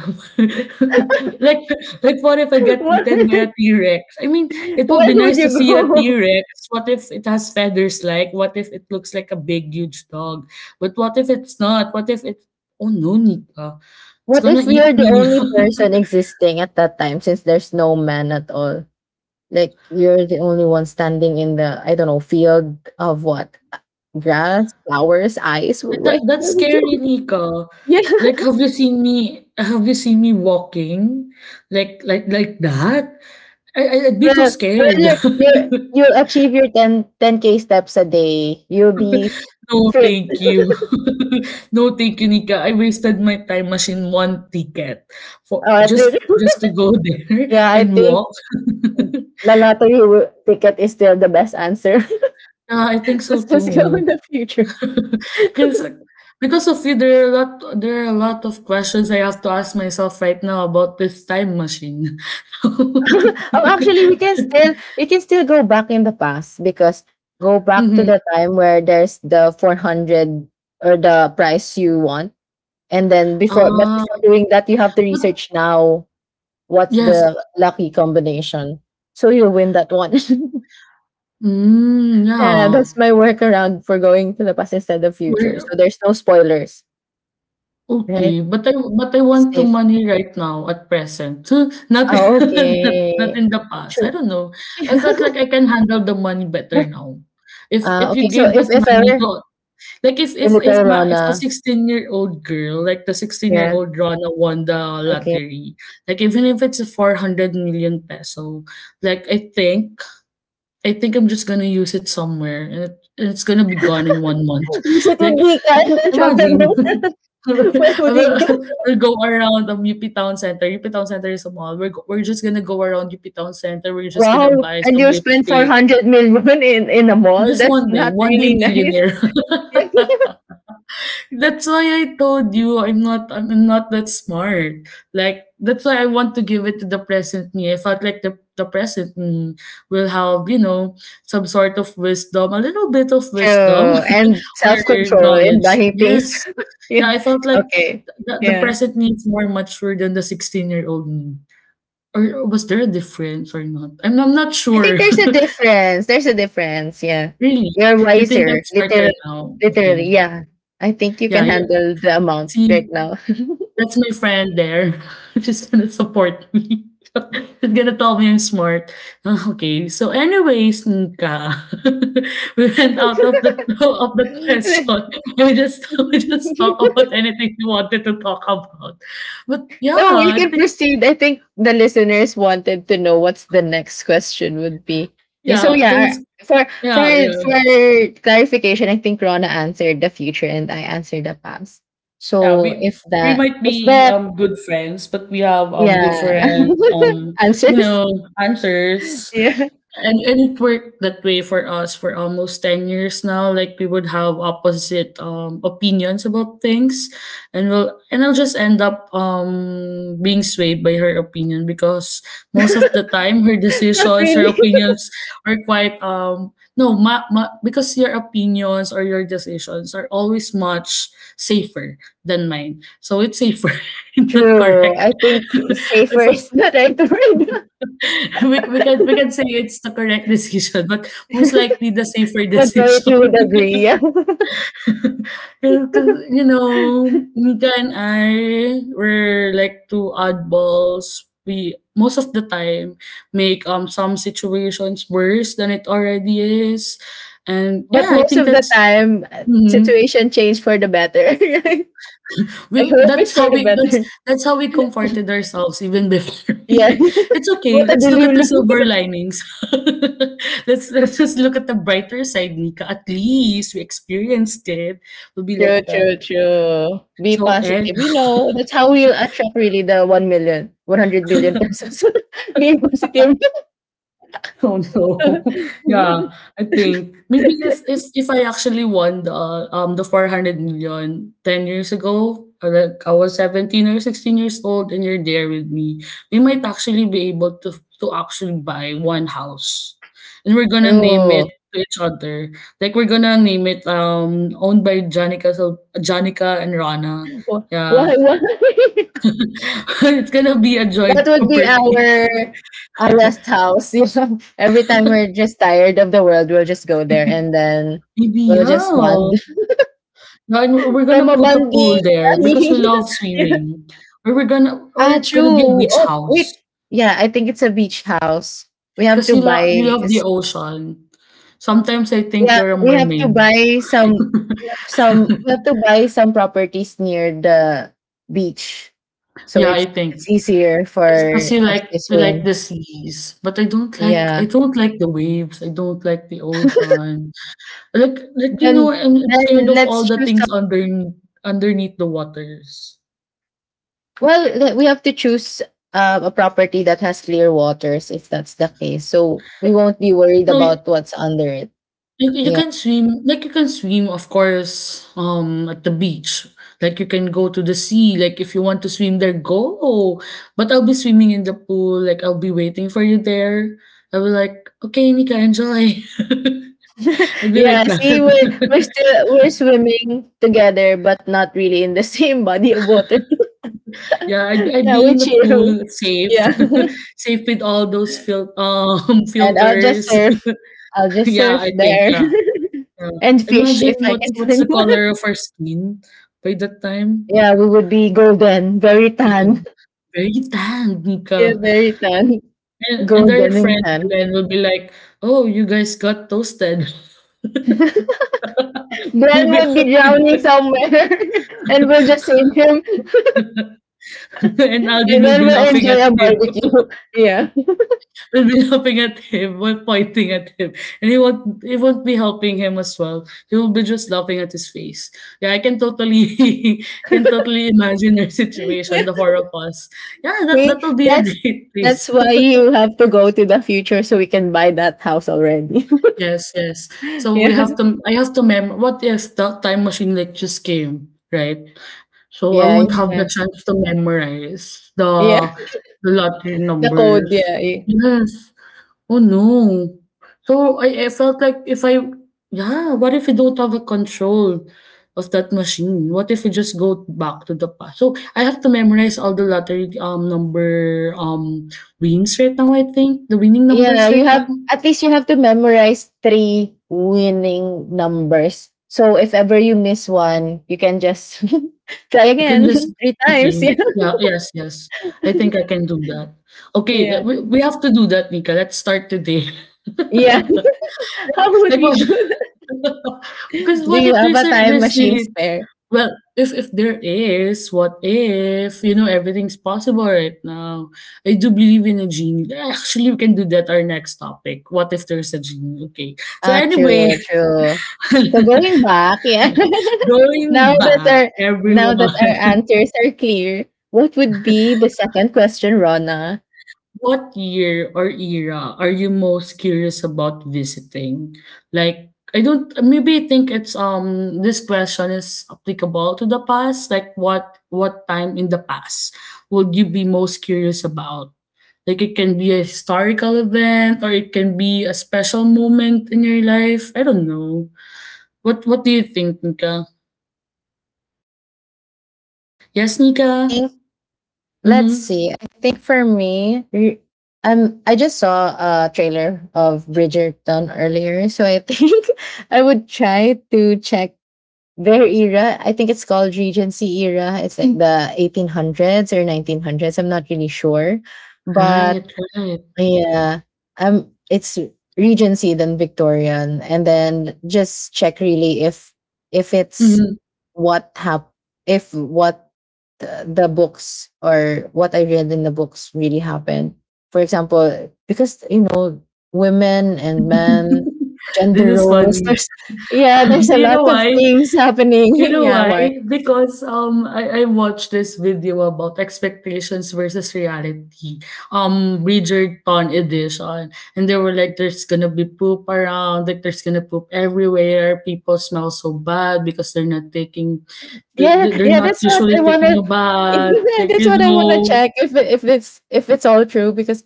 S1: like like, what if I get
S2: What?
S1: eaten by a T-Rex? I mean, it would
S2: Where
S1: be
S2: would
S1: nice to
S2: you
S1: see a
S2: go?
S1: T-Rex. What if it has feathers, like? What if it looks like a big, huge dog? But what if it's not? What if it's Oh, no, Nika. It's
S2: What
S1: gonna
S2: if
S1: eat
S2: you're the
S1: me.
S2: only person existing at that time since there's no man at all? Like you're the only one standing in the I don't know field of what, grass, flowers, ice.
S1: That
S2: Where
S1: that's
S2: where would
S1: scary,
S2: you?
S1: Nika.
S2: Yeah,
S1: Like, have you seen me walking? Like like that? I'd be too
S2: brother,
S1: scared.
S2: brother, you achieve your 10K steps a day. You'll be
S1: No,
S2: fit.
S1: thank you. No, thank you, Nika. I wasted my time machine 1 ticket for
S2: Through the-
S1: just to go there
S2: Yeah, I
S1: and
S2: think
S1: walk.
S2: the lottery ticket is still the best answer.
S1: Yeah, I think so
S2: Let's just go
S1: too.
S2: in the future.
S1: because because of you, there are a lot of questions I have to ask myself right now about this time machine.
S2: Oh, actually, we can still go back in the past, because go back to
S1: Mhm.
S2: the time where there's the 400 or the price you want, and then before but
S1: Ah,
S2: before doing that, you have to
S1: but
S2: research now what's
S1: yes.
S2: the lucky combination, so you'll win that one.
S1: Mm,
S2: yeah,
S1: yeah.
S2: that's my workaround for going to the past instead of future.
S1: Where
S2: So there's no spoilers, right?
S1: Okay, but I
S2: It's
S1: want the
S2: safe.
S1: money right now at present, not
S2: Oh,
S1: not
S2: okay,
S1: in the past. I
S2: sure.
S1: don't know. I felt like I can handle the money better
S2: but
S1: now. If if
S2: okay,
S1: you
S2: so
S1: gave
S2: if
S1: that
S2: if
S1: money
S2: ever
S1: to, like, if
S2: you're
S1: if
S2: little
S1: if my if a
S2: Rona.
S1: 16-year-old girl, like the
S2: Yeah,
S1: 16-year-old Rona won the
S2: okay.
S1: lottery, like even if it's a 400 million peso, like I think I'm just gonna use it somewhere and it's gonna be gone in 1 month.
S2: Since it
S1: Like,
S2: would be Canada Chocolate,
S1: imagine.
S2: where would you
S1: We'll,
S2: go?
S1: we'll go around UP Town Center. UP Town Center is a mall. We're just gonna go around UP Town Center. We're just
S2: Wow,
S1: gonna buy
S2: and
S1: some
S2: you spend
S1: lipstick.
S2: 400 million in a
S1: And
S2: mall?
S1: just
S2: That's not
S1: one day
S2: really nice.
S1: millionaire. that's why I told you I'm not that smart. Like, that's why I want to give it to the present me. I felt like the present me will have, you know, some sort of wisdom, a little bit of
S2: Yeah.
S1: wisdom
S2: True, and
S1: or
S2: self-control in
S1: knowledge.
S2: buying things.
S1: Yes, yeah,
S2: yeah.
S1: I felt like
S2: Okay.
S1: the
S2: Yeah.
S1: present me is more mature than the 16-year-old me. Or was there a difference or not? I'm not
S2: I
S1: sure.
S2: think there's a difference. There's a difference. Yeah.
S1: really?
S2: You're
S1: You think I'm
S2: wiser.
S1: smarter
S2: Literally,
S1: now?
S2: literally.
S1: Okay.
S2: Yeah. I think you
S1: Yeah,
S2: can
S1: yeah.
S2: handle the amount right
S1: See,
S2: now.
S1: that's my friend there. She's gonna support me. She's gonna tell me I'm smart. Ah, okay. So, anyways, Nika, we went out of the of the question. We just we just talk about anything we wanted to talk about. But yeah,
S2: No, you
S1: I
S2: can
S1: think,
S2: proceed. I think the listeners wanted to know what's the next question would be. Yeah, so
S1: yeah,
S2: yeah,
S1: because,
S2: for for
S1: yeah,
S2: for
S1: yeah.
S2: clarification, I think Rona answered the future and I answered the past.
S1: Yeah,
S2: So if
S1: we
S2: that,
S1: might
S2: if
S1: be
S2: the,
S1: good friends, but we have
S2: yeah,
S1: different you
S2: answers,
S1: know answers.
S2: yeah,
S1: And it worked that way for us for almost 10 years now, like we would have opposite opinions about things, and we'll and I'll just end up being swayed by her opinion because most of the time
S2: not
S1: her
S2: really.
S1: opinions are quite no ma- ma- because your opinions or your decisions are always much safer than mine. So it's safer, not
S2: True.
S1: correct.
S2: I think
S1: If,
S2: safer is the right word.
S1: we can, we can say it's the correct decision, but most likely the safer
S2: Majority
S1: decision.
S2: would agree. Yeah.
S1: Because, you know, Nika and I were like two oddballs. We most of the time make some situations worse than it already is, and
S2: But
S1: yeah, I
S2: most
S1: think
S2: of the
S1: that's.
S2: time,
S1: Mhm.
S2: situation changed for the better, right? I
S1: We
S2: hope it's
S1: that's
S2: for
S1: how
S2: the
S1: we that's
S2: better.
S1: that's how we comforted ourselves even before.
S2: Yeah,
S1: Like, "It's okay,
S2: what a
S1: let's look at the
S2: delulu.
S1: silver linings. Let's just look at the brighter side, Nika. At least we experienced it." We'll be
S2: True,
S1: like
S2: true,
S1: that.
S2: true. Be
S1: So, eh.
S2: positive. You know, that's how we'll attract really the 1 million, 100 billion pesos. Be positive.
S1: Oh, no. Yeah, I think maybe if I actually won the four hundred million ten years ago, or like I was 17 or 16 years old and you're there with me, we might actually be able to actually buy one house. And we're gonna name it
S2: True.
S1: to each other. Like, we're gonna name it owned by Janica, so Janica and Rana. Yeah.
S2: Why, why?
S1: It's gonna be a
S2: That
S1: joint
S2: would be our
S1: property.
S2: our rest house. You know, every time we're just tired of the world, we'll just go there, and then
S1: Maybe,
S2: we'll just
S1: yeah.
S2: bond.
S1: No, and we're
S2: Trauma
S1: gonna put a pool
S2: bonding.
S1: there because we love swimming. Or we're gonna, or
S2: Ah,
S1: it's gonna be a
S2: true.
S1: beach
S2: Oh,
S1: house
S2: wait. Yeah, I think it's a beach house. We have
S1: because
S2: to
S1: you
S2: buy.
S1: love the
S2: s-
S1: ocean. Sometimes I think
S2: Yeah,
S1: you're a
S2: we have to
S1: mermaid.
S2: buy some. We have some. We have to buy some properties near the beach, so
S1: Yeah,
S2: it's
S1: I think
S2: it's easier for
S1: because
S2: us to
S1: you like
S2: swim.
S1: the seas, but I
S2: Yeah.
S1: don't like the waves. I don't like the ocean. Like, you know,
S2: Then
S1: I'm scared
S2: then
S1: of all
S2: let's
S1: the
S2: choose.
S1: things under underneath the waters.
S2: Well, we have to choose a property that has clear waters, if that's the case. So we won't be worried
S1: No,
S2: about what's under it.
S1: you
S2: Yeah.
S1: can swim, like, you can swim, of course, at the beach. Like, you can go to the sea. Like, if you want to swim there, go. But I'll be swimming in the pool. Like, I'll be waiting for you there. I'll be like, okay, Nika, enjoy. I'll be
S2: Yeah,
S1: like
S2: see, we're
S1: that.
S2: still we're swimming together, but not really in the same body of water.
S1: Yeah, I'd
S2: yeah,
S1: be
S2: we
S1: in the
S2: chill.
S1: pool, safe,
S2: Yeah,
S1: safe with all those fil
S2: and I'll just
S1: filters.
S2: surf. I'll just
S1: Yeah,
S2: surf
S1: I think.
S2: there
S1: Yeah, yeah.
S2: and fish
S1: Imagine
S2: if I can
S1: what's
S2: find
S1: the
S2: one.
S1: color of our skin by that time.
S2: Yeah, we would be golden, very
S1: Yeah.
S2: tan.
S1: Very tanned,
S2: Yeah,
S1: Nika.
S2: very tan,
S1: And our
S2: golden and
S1: friend
S2: tan.
S1: Glenn will be like, "Oh, you guys got toasted."
S2: Glenn
S1: He'll be
S2: would be drowning somewhere, and we'll just save him,
S1: and Alvin
S2: and
S1: will
S2: then
S1: be
S2: we'll
S1: laughing at
S2: enjoy a
S1: him.
S2: barbecue.
S1: Will be laughing at him while pointing at him, and he won't be helping him as well. He will be just laughing at his face. Yeah, I can totally can totally imagine our
S2: Yeah.
S1: situation, the four of us. Yeah, that that
S2: See,
S1: will be a
S2: that's
S1: great place.
S2: that's why you have to go to the future, so we can buy that house already.
S1: Yes, yes. So we
S2: yeah.
S1: have to I have to mem what is, yes, the time machine like just came, right? So I
S2: Yeah,
S1: won't have the
S2: yeah.
S1: chance to memorize
S2: Yeah.
S1: the lottery
S2: The code,
S1: numbers.
S2: yeah. Yeah,
S1: Yes. Oh no. So I felt like if I, yeah, what if we don't have a control of that machine? What if we just go back to the past? So I have to memorize all the lottery number wins right now, I think. The winning numbers
S2: yeah, you
S1: right now.
S2: have at least you have to memorize three winning numbers. So if ever you miss one, you can just try
S1: I can
S2: again
S1: just,
S2: three times.
S1: okay.
S2: Yeah.
S1: Yeah, yes, yes. I think I can do that. Okay,
S2: Yeah.
S1: we have to do that, Nika. Let's start today.
S2: Yeah. How would
S1: like
S2: we
S1: what?
S2: do that?
S1: Because
S2: Do
S1: what
S2: you
S1: if
S2: have
S1: there's
S2: a
S1: a,
S2: time
S1: there's
S2: machine
S1: really,
S2: spare?
S1: well, if there is, what if, you know, everything's possible right now? I do believe in a genie. Actually, we can do that. Our next topic. What if there's a genie? Okay. So
S2: Ah,
S1: anyway,
S2: true, true. So going back, yeah.
S1: going
S2: Now that
S1: back,
S2: our now
S1: everyone.
S2: that our answers are clear, what would be the second question, Rona?
S1: What year or era are you most curious about visiting? Like, I don't, maybe I think it's, this question is applicable to the past. Like, what time in the past would you be most curious about? Like, it can be a historical event or it can be a special moment in your life. I don't know. What do you think, Nika? Yes, Nika?
S2: Think Let's
S1: Mm-hmm.
S2: see. I think for me, I just saw a trailer of Bridgerton earlier, so I think I would try to check their era. I think it's called Regency era. It's like the 1800s or 1900s. I'm not really sure, but
S1: Right, right.
S2: yeah. It's Regency then Victorian, and then just check really if it's
S1: Mm-hmm.
S2: what hap- if what the books or what I read in the books really happened. For example, because you know, women and men,
S1: this
S2: gender
S1: is
S2: roles,
S1: funny.
S2: there's, yeah, there's
S1: but
S2: a
S1: you
S2: lot
S1: know
S2: of
S1: why?
S2: things happening.
S1: You know
S2: yeah,
S1: why?
S2: why?
S1: Because I watched this video about expectations versus reality. Um, Bridgerton edition. And they were like, there's gonna be poop around, like, there's gonna poop everywhere. People smell so bad because they're not taking
S2: Yeah,
S1: they're
S2: yeah,
S1: not
S2: that's what
S1: usually
S2: I
S1: taking
S2: wanna
S1: a bath.
S2: yeah,
S1: Like,
S2: that's
S1: you
S2: what I wanna
S1: know,
S2: check if it's all true, because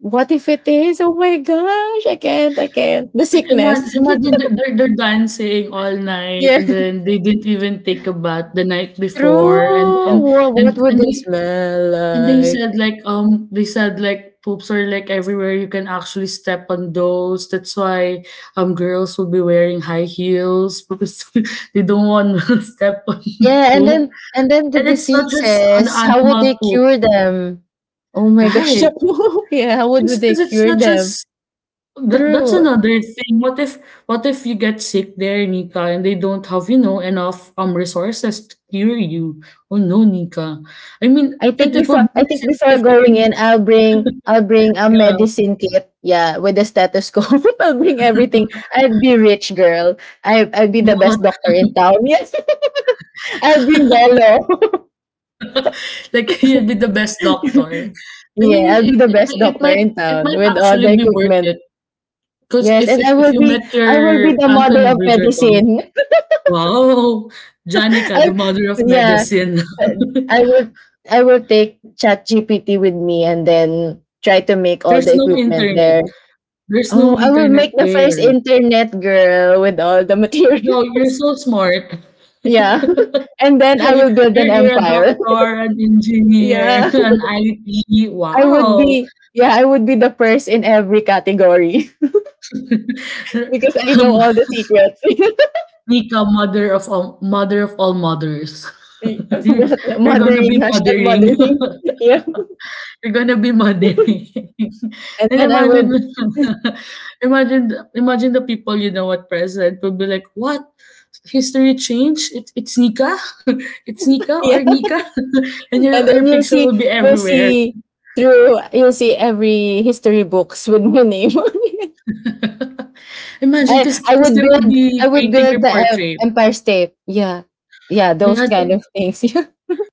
S2: what if it is? Oh my gosh, I can't, I can't. The
S1: like, imagine,
S2: sickness.
S1: imagine they're dancing all night
S2: Yeah,
S1: and then they didn't even take a bath the night
S2: true.
S1: before
S2: What would
S1: and
S2: they
S1: they,
S2: smell
S1: and they
S2: like?
S1: said like, they said like poops are like everywhere. You can actually step on those. That's why girls will be wearing high heels because they don't want to step on
S2: Yeah, and
S1: poop.
S2: then the
S1: And it's not just an
S2: diseases. How would they
S1: animal poop,
S2: cure them? Oh my gosh,
S1: right?
S2: yeah. How would they
S1: Because it's
S2: cure
S1: not
S2: them?
S1: just that, that's
S2: True.
S1: another thing. What if you get sick there, Nika, and they don't have, you know, enough resources to cure you? Oh no, Nika. I mean, it would be
S2: I
S1: nice
S2: think before
S1: if I
S2: going
S1: can,
S2: in, I'll bring a
S1: yeah.
S2: medicine kit. Yeah, with a stethoscope. I'll bring everything. I'll be rich girl. I'll be the
S1: What?
S2: best doctor in town. Yes. I'll bring Bello.
S1: Like, you'll be the best doctor. I
S2: Yeah,
S1: mean,
S2: I'll be the best doctor in
S1: it
S2: town
S1: might
S2: with all
S1: actually
S2: the
S1: be worth
S2: equipment.
S1: it. 'Cause
S2: Yes, and
S1: if you met
S2: I will be
S1: your
S2: the model
S1: Anton
S2: of
S1: Bridgerton,
S2: medicine.
S1: wow! Janica,
S2: I
S1: the mother of
S2: yeah,
S1: medicine.
S2: I will I will take ChatGPT with me and then try to make all
S1: There's
S2: the
S1: no
S2: equipment
S1: internet.
S2: there.
S1: There's no
S2: Oh, I will make
S1: internet
S2: the first
S1: there.
S2: internet girl with all the
S1: No,
S2: materials.
S1: you're so smart.
S2: Yeah. And then I
S1: You're
S2: will build an
S1: you're a
S2: empire.
S1: doctor, an engineer,
S2: Yeah.
S1: an IT. Wow!
S2: I would be the first in every category because I know
S1: Um,
S2: all the secrets.
S1: Nika, mother of all mothers.
S2: Yes,
S1: You're you're gonna
S2: mothering,
S1: be
S2: hashtag
S1: mothering.
S2: mothering. Yeah.
S1: You're gonna be mothering.
S2: And
S1: And
S2: then I
S1: imagine
S2: would
S1: imagine the people, you know what, president will be like, what? History changed? It's Nika? It's Nika or
S2: yeah.
S1: Nika? And
S2: And
S1: your
S2: then
S1: picture will be everywhere.
S2: you'll see every history books with my name on it.
S1: Imagine
S2: I I
S1: because
S2: would
S1: they will
S2: build I
S1: be
S2: would
S1: painting your
S2: build the
S1: portrait.
S2: Empire State. Yeah. Yeah,
S1: Yeah,
S2: those kind of things.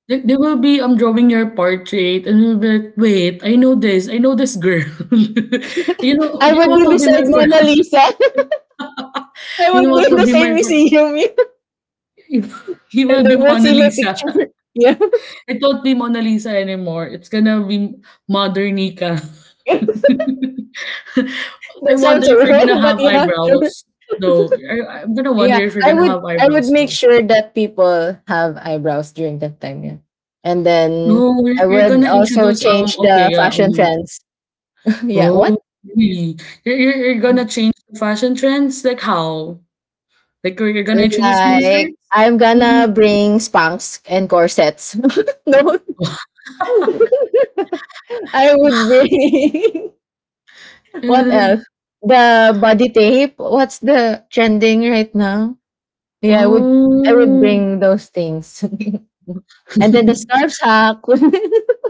S1: they will be drawing your portrait and you'll be like, wait, I know this girl.
S2: I
S1: You know
S2: would
S1: what
S2: be
S1: will be my
S2: beside
S1: friend.
S2: Mona Lisa. I
S1: you
S2: would
S1: know
S2: be
S1: what
S2: in
S1: will
S2: the
S1: be
S2: same
S1: my friend.
S2: museum
S1: he
S2: and
S1: will
S2: they
S1: be
S2: will
S1: Mona
S2: see my
S1: Lisa.
S2: picture. Yeah.
S1: It won't be Mona Lisa anymore. It's gonna be Mother Nika.
S2: That
S1: I wonder
S2: sounds
S1: if
S2: so
S1: you're gonna
S2: wrong, but
S1: have
S2: yeah, sure.
S1: eyebrows though. I'm gonna wonder
S2: Yeah.
S1: if you're gonna have
S2: I would
S1: eyebrows
S2: make
S1: though.
S2: sure that people have eyebrows during that time, yeah. And then
S1: No,
S2: I
S1: you're
S2: would
S1: gonna
S2: also
S1: introduce
S2: change
S1: okay
S2: the
S1: yeah.
S2: fashion
S1: Mhm.
S2: trends. Yeah. What?
S1: Oh, really? You're gonna change the fashion trends? Like how? Like, you're gonna introduce
S2: Like
S1: miniskirts?
S2: I'm
S1: Mhm.
S2: gonna bring spanks and corsets. No, I would bring what
S1: Ugh.
S2: else? The body tape. What's the trending right now? Yeah, I would
S1: Oh.
S2: bring those things. And then the scarves. Hack.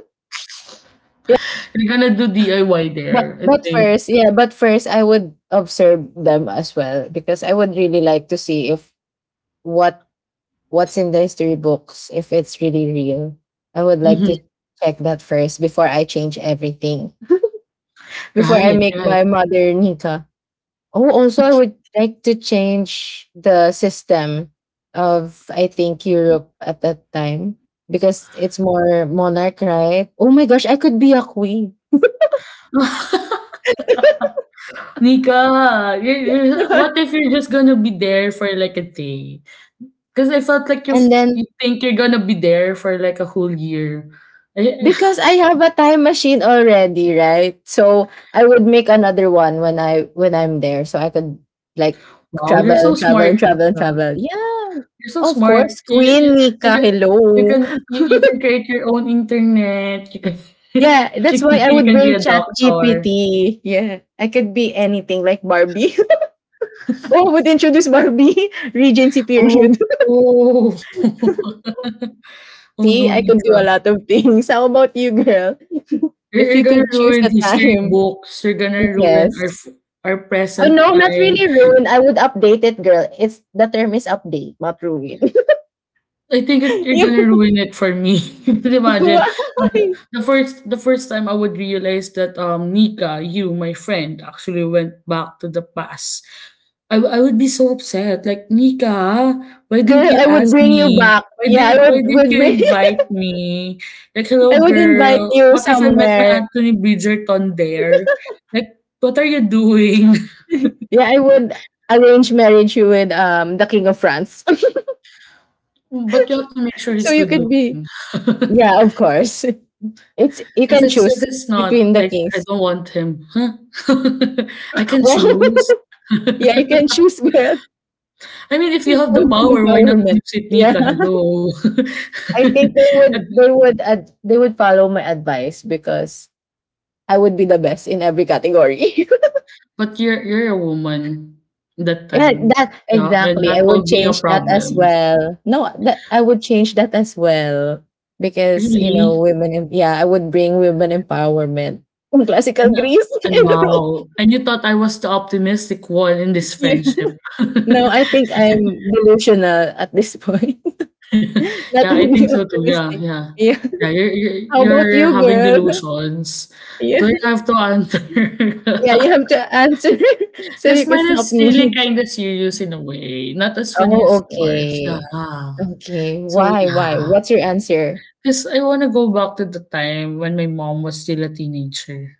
S2: Yeah,
S1: You're gonna do DIY
S2: but
S1: there, I
S2: but
S1: think.
S2: first, yeah, but first I would observe them as well because I would really like to see if what what's in the history books, if it's really real. I would like
S1: Mhm.
S2: to check that first before I change everything. Before I
S1: Right,
S2: make
S1: right.
S2: my mother Nika. Oh, also, I would like to change the system of, I think, Europe at that time because it's more monarch, right? Oh my gosh, I could be a queen.
S1: Nika, you're, what if you're just gonna be there for like a day? Because I felt like
S2: And
S1: you
S2: then,
S1: think you're gonna be there for like a whole year.
S2: because I have a time machine already, right? So I would make another one when I'm there, so I could like
S1: wow, you're
S2: travel,
S1: so
S2: travel,
S1: smart,
S2: travel,
S1: Nika.
S2: travel. Yeah,
S1: You're so
S2: of
S1: smart.
S2: course, Queen
S1: You
S2: Nika.
S1: can you can,
S2: Hello.
S1: you can create your own internet. You can
S2: Yeah, that's why I
S1: you
S2: would
S1: can be
S2: bring
S1: a
S2: Chat
S1: doctor.
S2: GPT. Yeah, I could be anything like Barbie. Oh, I would introduce Barbie Regency
S1: Oh.
S2: period.
S1: Oh, oh no,
S2: See, I could do
S1: Nika.
S2: a lot of things. How about you, girl? If
S1: You're
S2: you
S1: gonna
S2: could choose
S1: ruin
S2: a
S1: history
S2: time,
S1: books. You're gonna ruin
S2: yes.
S1: our
S2: Oh
S1: present
S2: no, not
S1: time.
S2: really ruin. I would update it, girl. It's The term is update, not ruin.
S1: I think that you're gonna
S2: you,
S1: ruin it for me. Could you could imagine
S2: why?
S1: Uh, the first time I would realize that Nika, you, my friend, actually went back to the past. I would be so upset. Like, Nika, why
S2: Girl,
S1: didn't you
S2: I would
S1: ask
S2: bring you
S1: me?
S2: back.
S1: Why
S2: Yeah,
S1: did
S2: I
S1: why didn't
S2: would
S1: you
S2: bring.
S1: invite me? Like,
S2: I
S1: hello,
S2: would
S1: girl,
S2: invite you
S1: what if I met my
S2: somewhere.
S1: Anthony Bridgerton there? Like, what are you doing?
S2: Yeah, I would arrange marriage you with the King of France.
S1: But you have to make sure
S2: So
S1: he's
S2: you
S1: good
S2: could be.
S1: looking.
S2: Yeah, of course. It's You
S1: If
S2: can
S1: it's if
S2: choose
S1: it's not,
S2: between the
S1: like, I
S2: kings.
S1: don't want him, huh? I can
S2: Wow.
S1: choose.
S2: Yeah, you can choose girl.
S1: I mean, if you have the
S2: Women
S1: power, why not
S2: empowerment.
S1: use it,
S2: Yeah.
S1: Nika? Hello.
S2: I think they would follow my advice because I would be the best in every category.
S1: But you're a woman that
S2: Yeah,
S1: time.
S2: that
S1: Yeah, and
S2: exactly. I
S1: that
S2: would
S1: will be a
S2: change that as
S1: problem.
S2: well. No, that I would change that as well because you know
S1: Really?
S2: women. Yeah, I would bring women empowerment from classical
S1: And, uh
S2: Greece. I
S1: and
S2: don't know.
S1: wow. And you thought I was the optimistic one in this
S2: Yeah.
S1: friendship.
S2: No, I think I'm delusional at this point. Not
S1: Yeah, I think
S2: really
S1: so too. Yeah,
S2: optimistic.
S1: yeah.
S2: Yeah.
S1: Yeah, you're you're,
S2: How about
S1: you're
S2: you,
S1: having
S2: girl?
S1: delusions.
S2: Yeah.
S1: Do I have to answer?
S2: Yeah, you have to answer so
S1: Because
S2: you can
S1: mine
S2: stop
S1: is really
S2: me.
S1: kind of serious in a way, not as funny
S2: Oh,
S1: as yours. Yeah.
S2: okay. Okay.
S1: So,
S2: Why? Why?
S1: yeah,
S2: What's your answer?
S1: because I want to go back to the time when my mom was still a teenager.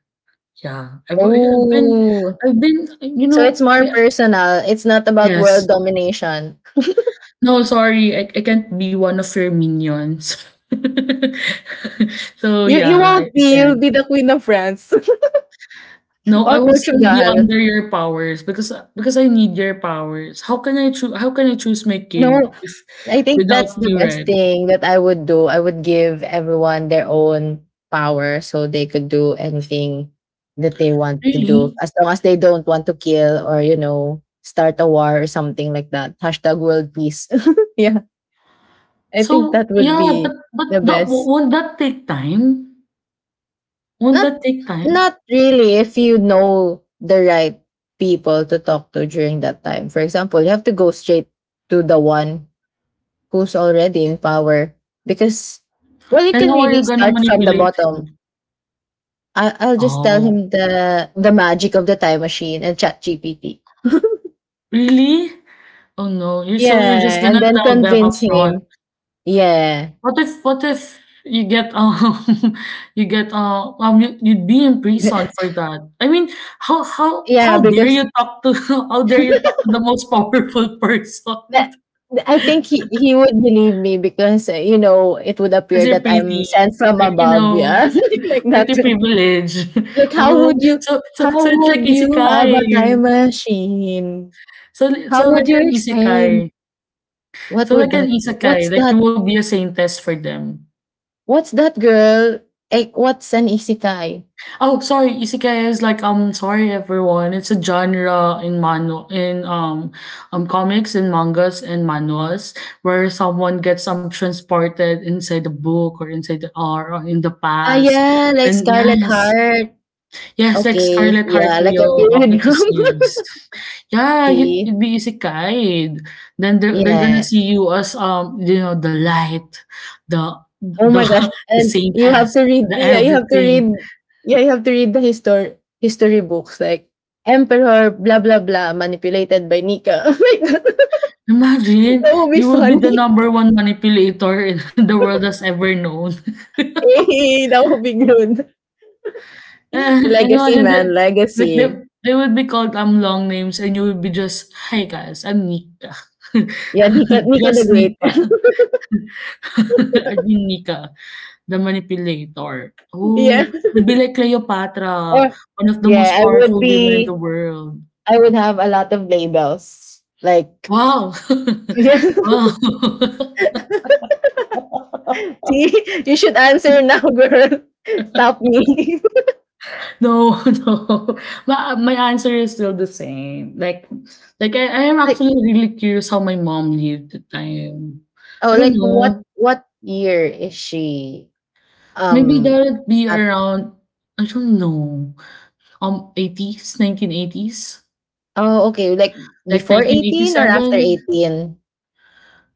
S1: Yeah,
S2: Oh.
S1: I've been, you
S2: So it's
S1: know,
S2: more
S1: I
S2: personal. It's not about
S1: yes.
S2: world domination.
S1: No, sorry, I can't be one of your minions. So, yeah,
S2: You
S1: I,
S2: won't
S1: I
S2: be. You'll
S1: can't.
S2: be the queen of France
S1: No, I
S2: or
S1: will still be
S2: Portugal.
S1: under your powers because I need your powers. How can I choose my king
S2: No,
S1: if
S2: I think
S1: without
S2: that's the
S1: you, right?
S2: best thing that I would do. I would give everyone their own power so they could do anything that they want to do
S1: Really?
S2: as long as they don't want to kill or start a war or something like that. Hashtag world peace. Yeah, I
S1: So,
S2: think that would
S1: yeah,
S2: be
S1: but
S2: the
S1: that
S2: best.
S1: won't that take time? Won't
S2: Not
S1: that take time?
S2: Not really if you know the right people to talk to during that time. For example, you have to go straight to the one who's already in power because well you
S1: And
S2: can
S1: how are you
S2: really
S1: gonna
S2: start from the
S1: manipulate
S2: bottom.
S1: him?
S2: I'll just tell
S1: Oh,
S2: him the magic of the time machine and chat GPT.
S1: really? Oh, no, you're just
S2: Yeah, and
S1: gonna
S2: then
S1: tell them up
S2: convince
S1: front.
S2: him. Yeah.
S1: What if you get, um, you get, you you'd be in prison for that? I mean,
S2: Yeah,
S1: how dare
S2: because
S1: you talk to how dare you talk to the most powerful person?
S2: that
S1: because
S2: I think he would believe me because it would
S1: 'Cause
S2: appear
S1: you're
S2: that I'm
S1: pretty.
S2: sent from
S1: Like,
S2: above, yeah, like
S1: pretty
S2: that.
S1: privilege.
S2: Like
S1: Oh, so so
S2: how
S1: so it's like
S2: would you have a
S1: isekai.
S2: time machine?
S1: So
S2: How
S1: so
S2: would
S1: like
S2: you
S1: an isekai.
S2: explain what
S1: So,
S2: would
S1: like an
S2: that be? What's
S1: isekai, like,
S2: that?
S1: you will be a saintess for them.
S2: What's that girl? What's an isekai?
S1: Oh, sorry, isekai is like, sorry everyone. It's a genre in manu in comics and mangas and manuals where someone gets transported inside the book or inside the or in the
S2: Ah,
S1: past.
S2: yeah, like
S1: And
S2: Scarlet
S1: yes,
S2: Heart.
S1: yes, like
S2: Okay,
S1: Scarlet Heart
S2: yeah, like a
S1: Trio of the
S2: period drama.
S1: series. Yeah,
S2: See,
S1: you'd be isekai. Then they're gonna
S2: yeah.
S1: see you as the light, the
S2: Oh
S1: the
S2: my gosh.
S1: the
S2: And
S1: same as the everything.
S2: you have to read the history books like Emperor blah blah blah manipulated by Nika. Oh my God,
S1: Imagine,
S2: that would be
S1: you will be the
S2: funny.
S1: number one manipulator in the world has ever known.
S2: Hey, that would be good.
S1: And
S2: Legacy
S1: imagine that,
S2: man,
S1: like,
S2: legacy.
S1: they would be called long names, and you would be just, "Hi guys, I'm Nika,
S2: Yeah, Nika Nika the
S1: just
S2: Great.
S1: Nika. I've been Nika, the manipulator." Oh,
S2: Yeah.
S1: you would be like Cleopatra,
S2: Or
S1: one of the most
S2: yeah,
S1: powerful women in the world.
S2: I would have a lot of labels. Like
S1: Wow,
S2: yeah.
S1: wow.
S2: See, you should answer now, girl. Stop me.
S1: No, no. But my answer is still the same. Like, I am
S2: Like.
S1: actually really curious how my mom lived the time.
S2: Oh,
S1: I don't
S2: like what
S1: know.
S2: what year is she
S1: Maybe that
S2: um
S1: would be
S2: at
S1: around. I don't know. 80s, 1980s,
S2: oh okay, like
S1: like,
S2: before
S1: nineteen eighty
S2: 18 or after
S1: seven.
S2: 18?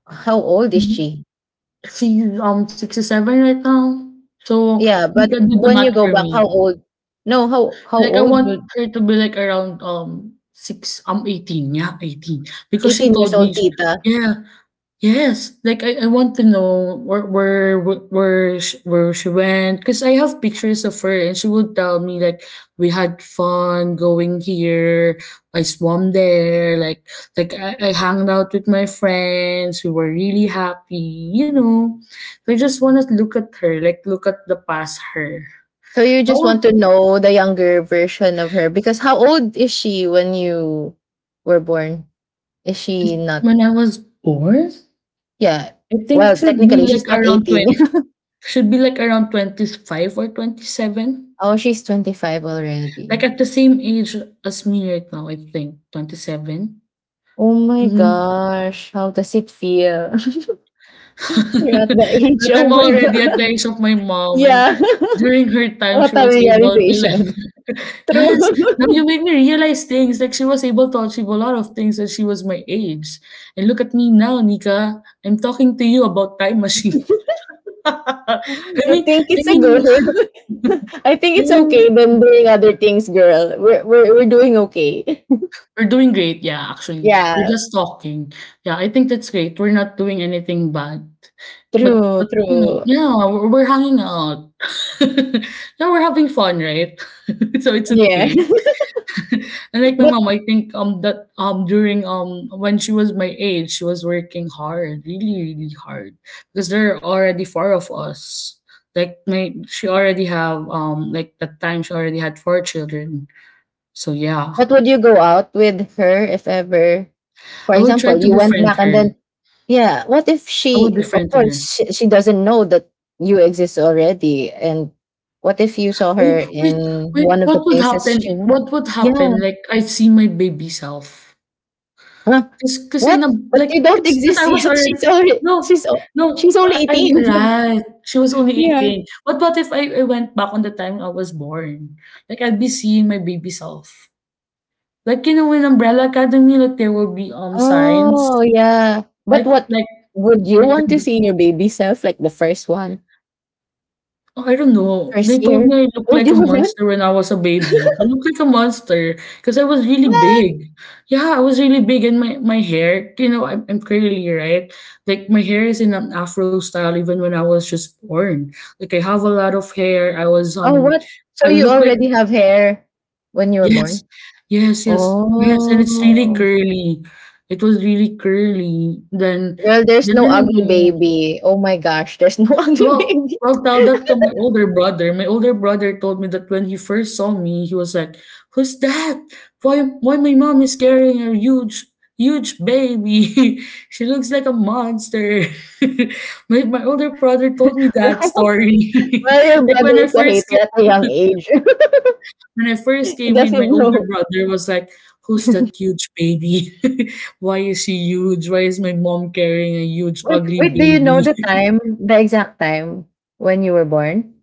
S2: How old is she?
S1: She's 67 right now. So,
S2: Yeah,
S1: you
S2: but
S1: can do the
S2: when
S1: math
S2: you go
S1: for
S2: back,
S1: me.
S2: how old? No, how
S1: Like, I
S2: old
S1: want
S2: would
S1: her to be like around six 18. Yeah, 18. Because she
S2: 18 years
S1: told me.
S2: old tita?
S1: Yeah. Yes, like I want to know where wh- where sh- where she went, because I have pictures of her and she would tell me, like, we had fun going here. I swam there, like, like I hung out with my friends. We were really happy, you know. So, I just want to look at her, like, look at the past her.
S2: So you
S1: That
S2: just want
S1: was
S2: to know the younger version of her because how old is she when you were born? Is she not?
S1: when I was born.
S2: Yeah.
S1: I think
S2: Well,
S1: should be
S2: technically she's
S1: like
S2: not
S1: around
S2: 18.
S1: 20. Should be like around 25 or 27.
S2: Oh, she's 25
S1: Like,
S2: already.
S1: at the same age as me right now, I think 27?
S2: Oh my
S1: Mhm.
S2: gosh, how does it feel? You're at the
S1: But
S2: age,
S1: I'm
S2: oh my
S1: already at the
S2: god.
S1: age of my mom, and
S2: Yeah,
S1: during her time
S2: what
S1: she
S2: a
S1: was able to, like,
S2: realization.
S1: yes, now you
S2: True.
S1: made me realize things, like she was able to achieve a lot of things when she was my age. And look at me now, Nika. I'm talking to you about time machine. I
S2: I
S1: mean
S2: think
S1: I
S2: it's a
S1: mean
S2: girl. I think
S1: I
S2: it's okay
S1: mean
S2: than doing other things, girl. We're doing okay.
S1: we're doing great, yeah, actually. We're
S2: Yeah,
S1: just talking. Yeah, I think that's great. We're not doing anything bad. But
S2: true,
S1: but you know,
S2: true.
S1: yeah, we're hanging out. Yeah, we're having fun, right? So, it's
S2: Yeah.
S1: okay. And, like, my
S2: But.
S1: mom, I think that during when she was my age, she was working hard, really, really hard. Because there are already four of us. Like my she already have like, that time she already had four children. So, yeah.
S2: But would you go out with her if ever, for
S1: I will try
S2: example,
S1: to
S2: you went
S1: befriend
S2: back and
S1: her.
S2: then, yeah, what if
S1: I would be
S2: she, of
S1: friend to her.
S2: course, she doesn't know that you exist already. And what if you saw
S1: Oh,
S2: her
S1: wait,
S2: in
S1: wait,
S2: one of the
S1: what would
S2: places
S1: happen
S2: she went?
S1: what would happen,
S2: Yeah.
S1: like, I see my baby self?
S2: Huh?
S1: 'Cause in a,
S2: What? But
S1: like,
S2: you don't
S1: 'cause
S2: exist
S1: I was
S2: yet.
S1: already,
S2: She's already,
S1: no,
S2: she's, o- she's
S1: no,
S2: only
S1: I'm
S2: 18.
S1: right, she was only 18.
S2: Yeah.
S1: But what if I went back on the time I was born? Like, I'd be seeing my baby self. Like, you know, in Umbrella Academy, like, there will be, signs,
S2: Oh, yeah. But
S1: like
S2: what
S1: like
S2: would you
S1: like
S2: want to see in your baby self, like the first one,
S1: oh, I don't know.
S2: first
S1: They told
S2: year?
S1: me I looked
S2: Would
S1: like a
S2: you want?
S1: monster when I was a baby. I looked like a monster because I was really big. Yeah, I was really big, and my hair, you know, I'm curly, right? Like, my hair is in an afro style even when I was just born. Like, I have a lot of hair. I was,
S2: Oh, what? So
S1: I
S2: you
S1: look like,
S2: already have hair when you were
S1: yes,
S2: born?
S1: yes, yes, yes, and it's really
S2: Oh,
S1: curly. It was really curly. Then
S2: well, there's
S1: then
S2: no
S1: I don't
S2: ugly
S1: know.
S2: baby. Oh my gosh, there's no ugly
S1: Well,
S2: baby.
S1: well, tell that to my older brother. My older brother told me that when he first saw me, he was like, "Who's that? Why my mom is carrying a huge, huge baby? She looks like a monster." My older brother told me that
S2: Right?
S1: story.
S2: Well, your
S1: like
S2: brother
S1: when I
S2: is a
S1: first
S2: hater at a young
S1: came,
S2: age.
S1: when I first
S2: He
S1: came in, my
S2: doesn't
S1: older
S2: know.
S1: brother was like, "Who's that huge baby? Why is she huge? Why is my mom carrying a huge,
S2: Wait,
S1: ugly
S2: wait, do you know
S1: baby?"
S2: the time, the exact time when you were born?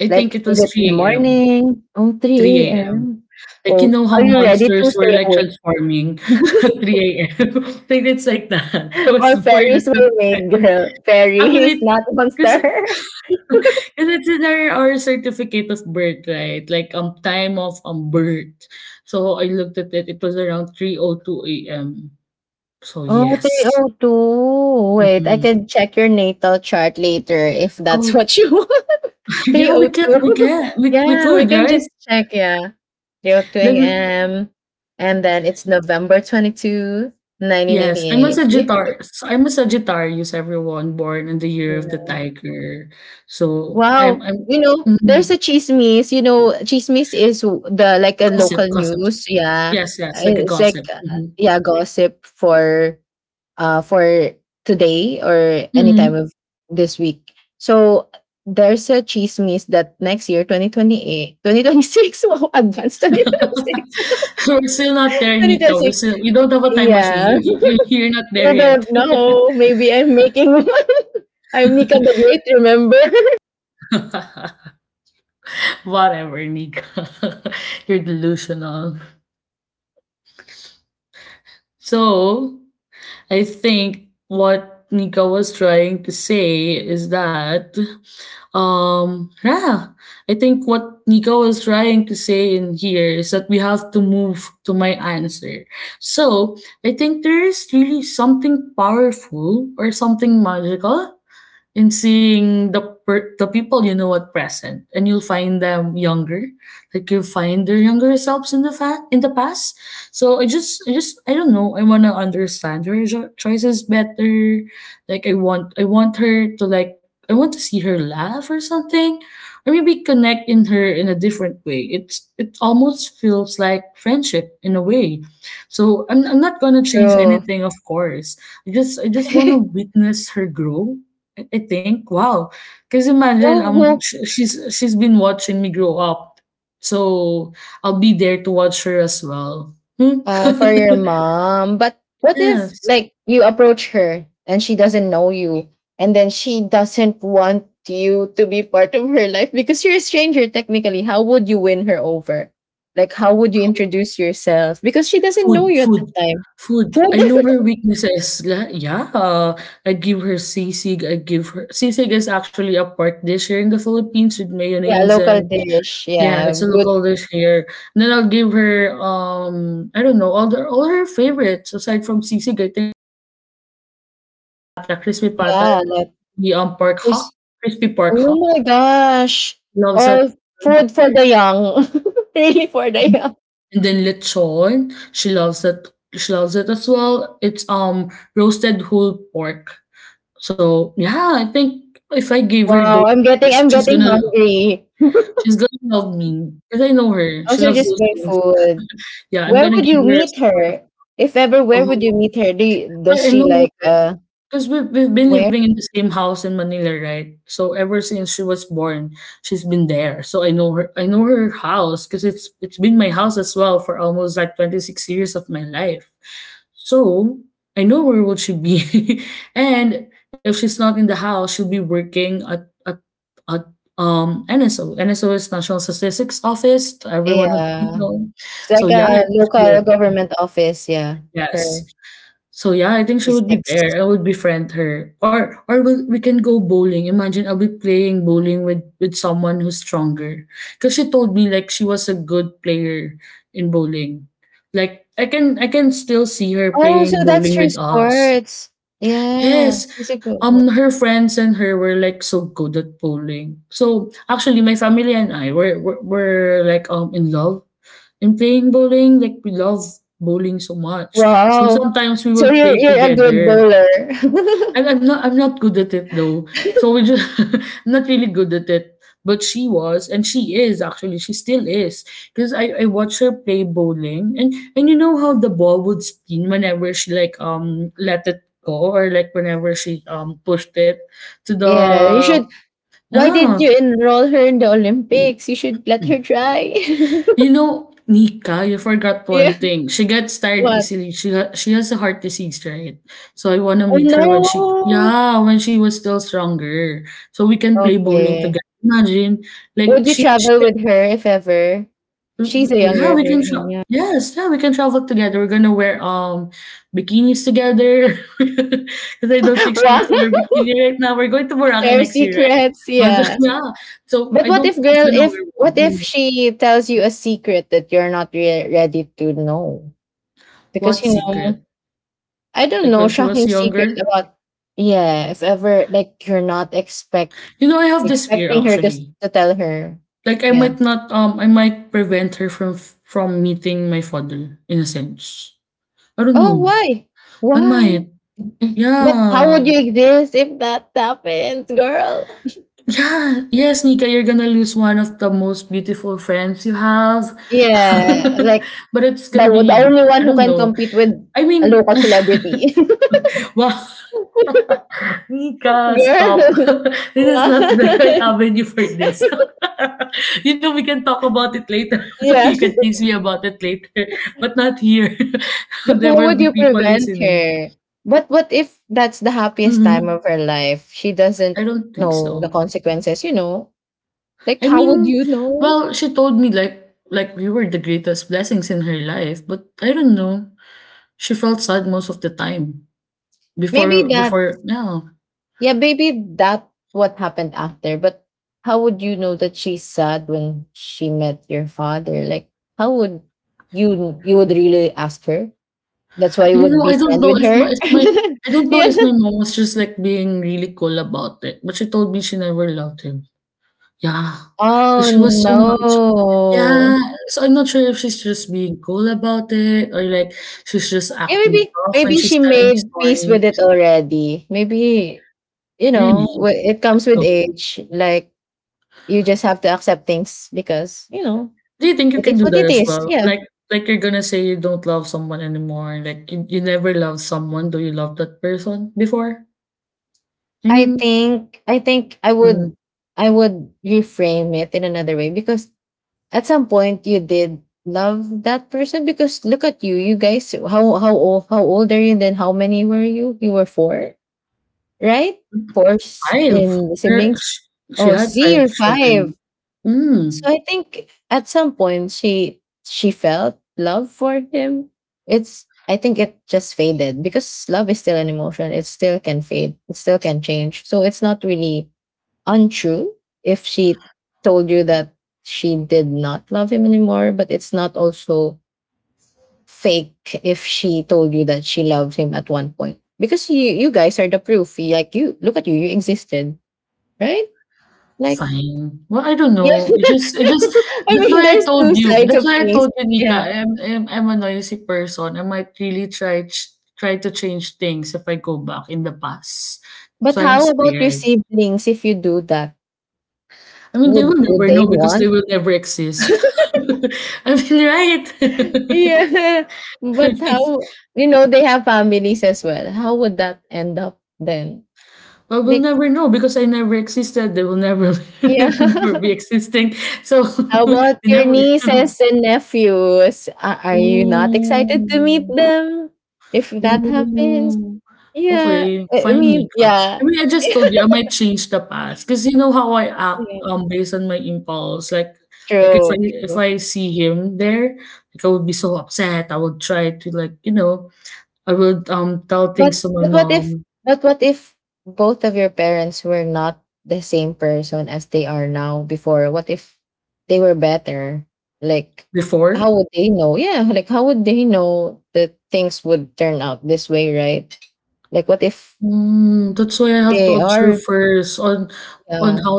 S1: I think
S2: Like,
S1: it
S2: is
S1: was
S2: it in the
S1: 3 a.m.
S2: morning? Oh, three
S1: 3 AM.
S2: a.m.
S1: Like, you
S2: Oh,
S1: know how
S2: are you ready to
S1: monsters were,
S2: stay
S1: like,
S2: awake?
S1: transforming at 3 a.m.? Like, it's like that. I was
S2: Or
S1: born at
S2: fairies
S1: the
S2: were
S1: time.
S2: made, girl. Fairies,
S1: Actually,
S2: not
S1: because
S2: monster.
S1: it's in our certificate of birth, right? Like, time of, birth. So, I looked at it, it was around 3:02 a.m. So,
S2: Oh
S1: yes.
S2: three o two. Wait, I
S1: Mhm.
S2: can check your natal chart later if
S1: Oh,
S2: that's what you want.
S1: yeah, we can we
S2: 3:02.
S1: can. We
S2: Yeah, we
S1: could,
S2: can
S1: right?
S2: just check. Yeah. 3:02
S1: Then,
S2: a.m. And then it's November 22,
S1: yes, I'm a
S2: 1998.
S1: Sagittarius. I'm a Sagittarius, everyone, born in the year
S2: Yeah.
S1: of the tiger. So,
S2: Wow.
S1: I'm
S2: You know, there's
S1: mhm,
S2: a chismis. You know, chismis is the like a
S1: gossip,
S2: local
S1: gossip.
S2: news. Yeah.
S1: Yes, yes, like a
S2: It's like,
S1: gossip. Hmm.
S2: yeah, gossip for today or any time of
S1: Hmm.
S2: this week. So there's a chismis that next year, 2028, 2026. Wow, advanced twenty twenty six,
S1: We're still not there,
S2: twenty twenty
S1: Nika.
S2: six.
S1: We don't have a time machine.
S2: Yeah,
S1: You're not there
S2: you
S1: yet.
S2: don't know. Maybe I'm making one. I'm Nika the Great, remember?
S1: Whatever, Nika. You're delusional. So, I think what Nika was trying to say is that, yeah, I think what Nico was trying to say in here is that we have to move to my answer. So, I think there is really something powerful or something magical in seeing the people you know at present, and you'll find them younger, like, you'll find their younger selves in the past. So, I don't know, I want to understand her choices better. Like, I want her to, like, I want to see her laugh or something, or maybe connect in a different way. It's it almost feels like friendship in a way. So, I'm not gonna change
S2: True.
S1: anything, of course. i just i just want to
S2: who,
S1: witness her grow. I think, wow. Because, imagine,
S2: who
S1: she's been watching me grow up. So, I'll be there to watch her as well. Hmm?
S2: For your mom. But what if
S1: Yes.
S2: like you approach her and she doesn't know you and then she doesn't want you to be part of her life because you're a stranger technically. How would you win her over? Like how would you introduce yourself? Because she doesn't know
S1: Food,
S2: you at the
S1: food,
S2: time.
S1: food.
S2: Food.
S1: I know her weaknesses. Yeah, I give her sisig. I give her sisig is actually a pork dish here in the Philippines with
S2: Yeah,
S1: mayonnaise,
S2: local
S1: and
S2: dish.
S1: yeah,
S2: Yeah,
S1: it's a
S2: good.
S1: local dish here. And then I'll give her, I don't know, all her favorites aside from sisig. I
S2: Yeah, like there's- oh my gosh. All food for the young. Really for the young. Wow, I'm getting hungry. Also, just barefoot. Where would you meet her? If ever, where would you meet her? Does she like where? Yeah, it's like a local government office. Yeah, for statistics. Oh, so that's her sports. Yeah, she's a good. Wow. So you're a good bowler. Yeah, you should. Why did you enroll her in the Olympics? You should let her try. Yeah. What? Oh no. Okay. Would you travel with her if ever? She's a younger version, yeah. Wow. Share secrets, yeah. But what if, girl, if what if she tells you a secret that you're not ready to know? Because you know, I don't know, shocking secret about yeah. If ever like you're not expecting her to to tell her, yeah. Oh, why? Why? But how would you exist if that happens, girl? Yeah, like the only one who can compete with a local celebrity. Girl! Wow. Yeah. But why would you prevent her? But what if that's the happiest time of her life? She doesn't know the consequences, you know? Like, how would you know? Maybe that, yeah, maybe that what happened after, but how would you know that she's sad when she met your father? Like, how would you would really ask her? That's why you would be friend with her? Yeah. Oh no. Yeah, maybe she made peace with it already. Maybe it comes with age. Like you just have to accept things because, it is what it is. Yeah. I think I would reframe it in another way because at some point you did love that person because look at you, you guys, how old are you then? How many were you? You were four, right? Four in siblings. Oh, see, you're five. So I think at some point she felt love for him. It's, I think it just faded because love is still an emotion. It still can fade, it still can change. So it's not really untrue if she told you that she did not love him anymore, but it's not also fake if she told you that she loved him at one point. Because you guys are the proof. Like you look at you, you existed, right? Like yeah. I mean there's two sides of things. Yeah. But how about your siblings if you do that? Would they want? Yeah. But how, you know, they have families as well. How would that end up then? They— Yeah. How about your nieces and nephews? Are you not excited to meet them? If that happens, yeah. I mean, yeah, yeah. True, true. But but what if but what if both of your parents were not the same person as they are now before? What if they were better? Like how would they know? Yeah, like how would they know that things would turn out this way, right? Like what if they are, yeah.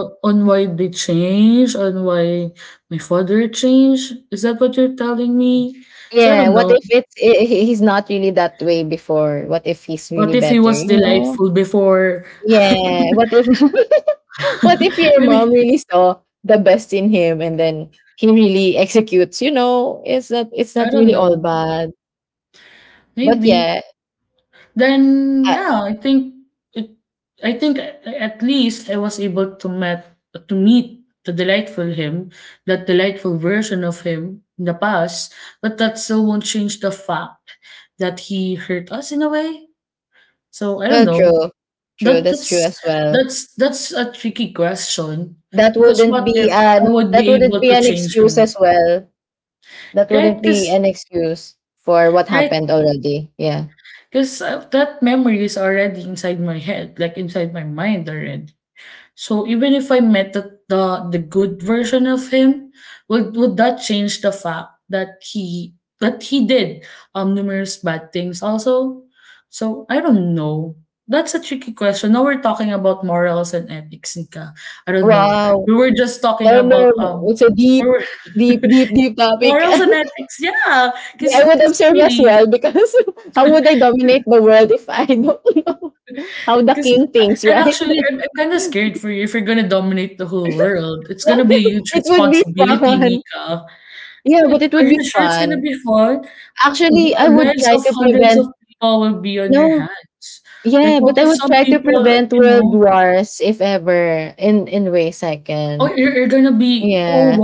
S2: Yeah, what if he's not really that way before? What if he's really better? You know? Yeah. What if what if your mom really saw the best in him and then he really executes? You know, it's not really all bad. But yeah, uh, well, true, true. That's true as well. That wouldn't be an— That wouldn't be an excuse as well. That wouldn't be an excuse for what happened already. Yeah. Wow. No, no, no. It's a deep, deep topic. Yeah, I would observe as well because how would I dominate the world if I don't know how the king thinks, right? It would be fun. Yeah, but it would be fun. Actually, I would try to prevent— no. Yeah, but I would try to prevent world wars if ever in ways I can. Yeah.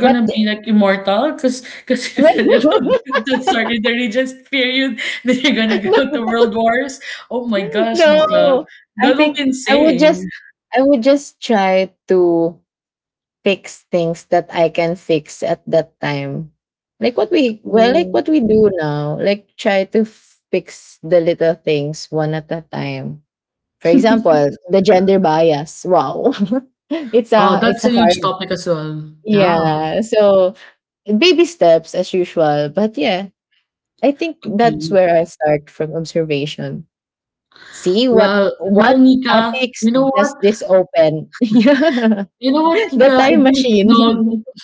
S2: But no, no, I think I would just— I would just try to fix things that I can fix at that time. Like what we— like what we do now, like try to fix the little things one at a time. For example, the gender bias. Wow. It's a hard— yeah. So baby steps as usual. But yeah, I think that's where I start, from observation. See what topics does this open? Yeah. The time machine.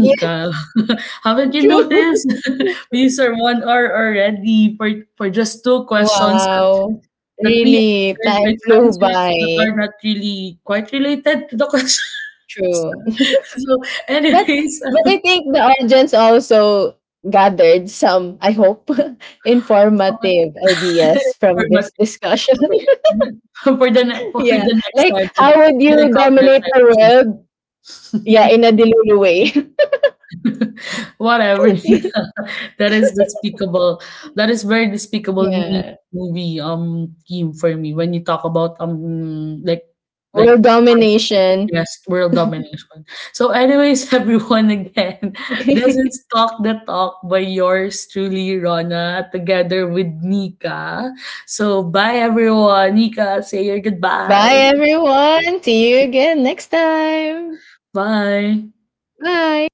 S2: Yeah, true. Wow. Really, time flew by. True. But but I think the audience also gathered some, I hope, informative ideas from this discussion. Yeah. Like how would you dominate the world? Yeah, in a Delulu way. Yeah. World domination. Bye, everyone. See you again next time. Bye.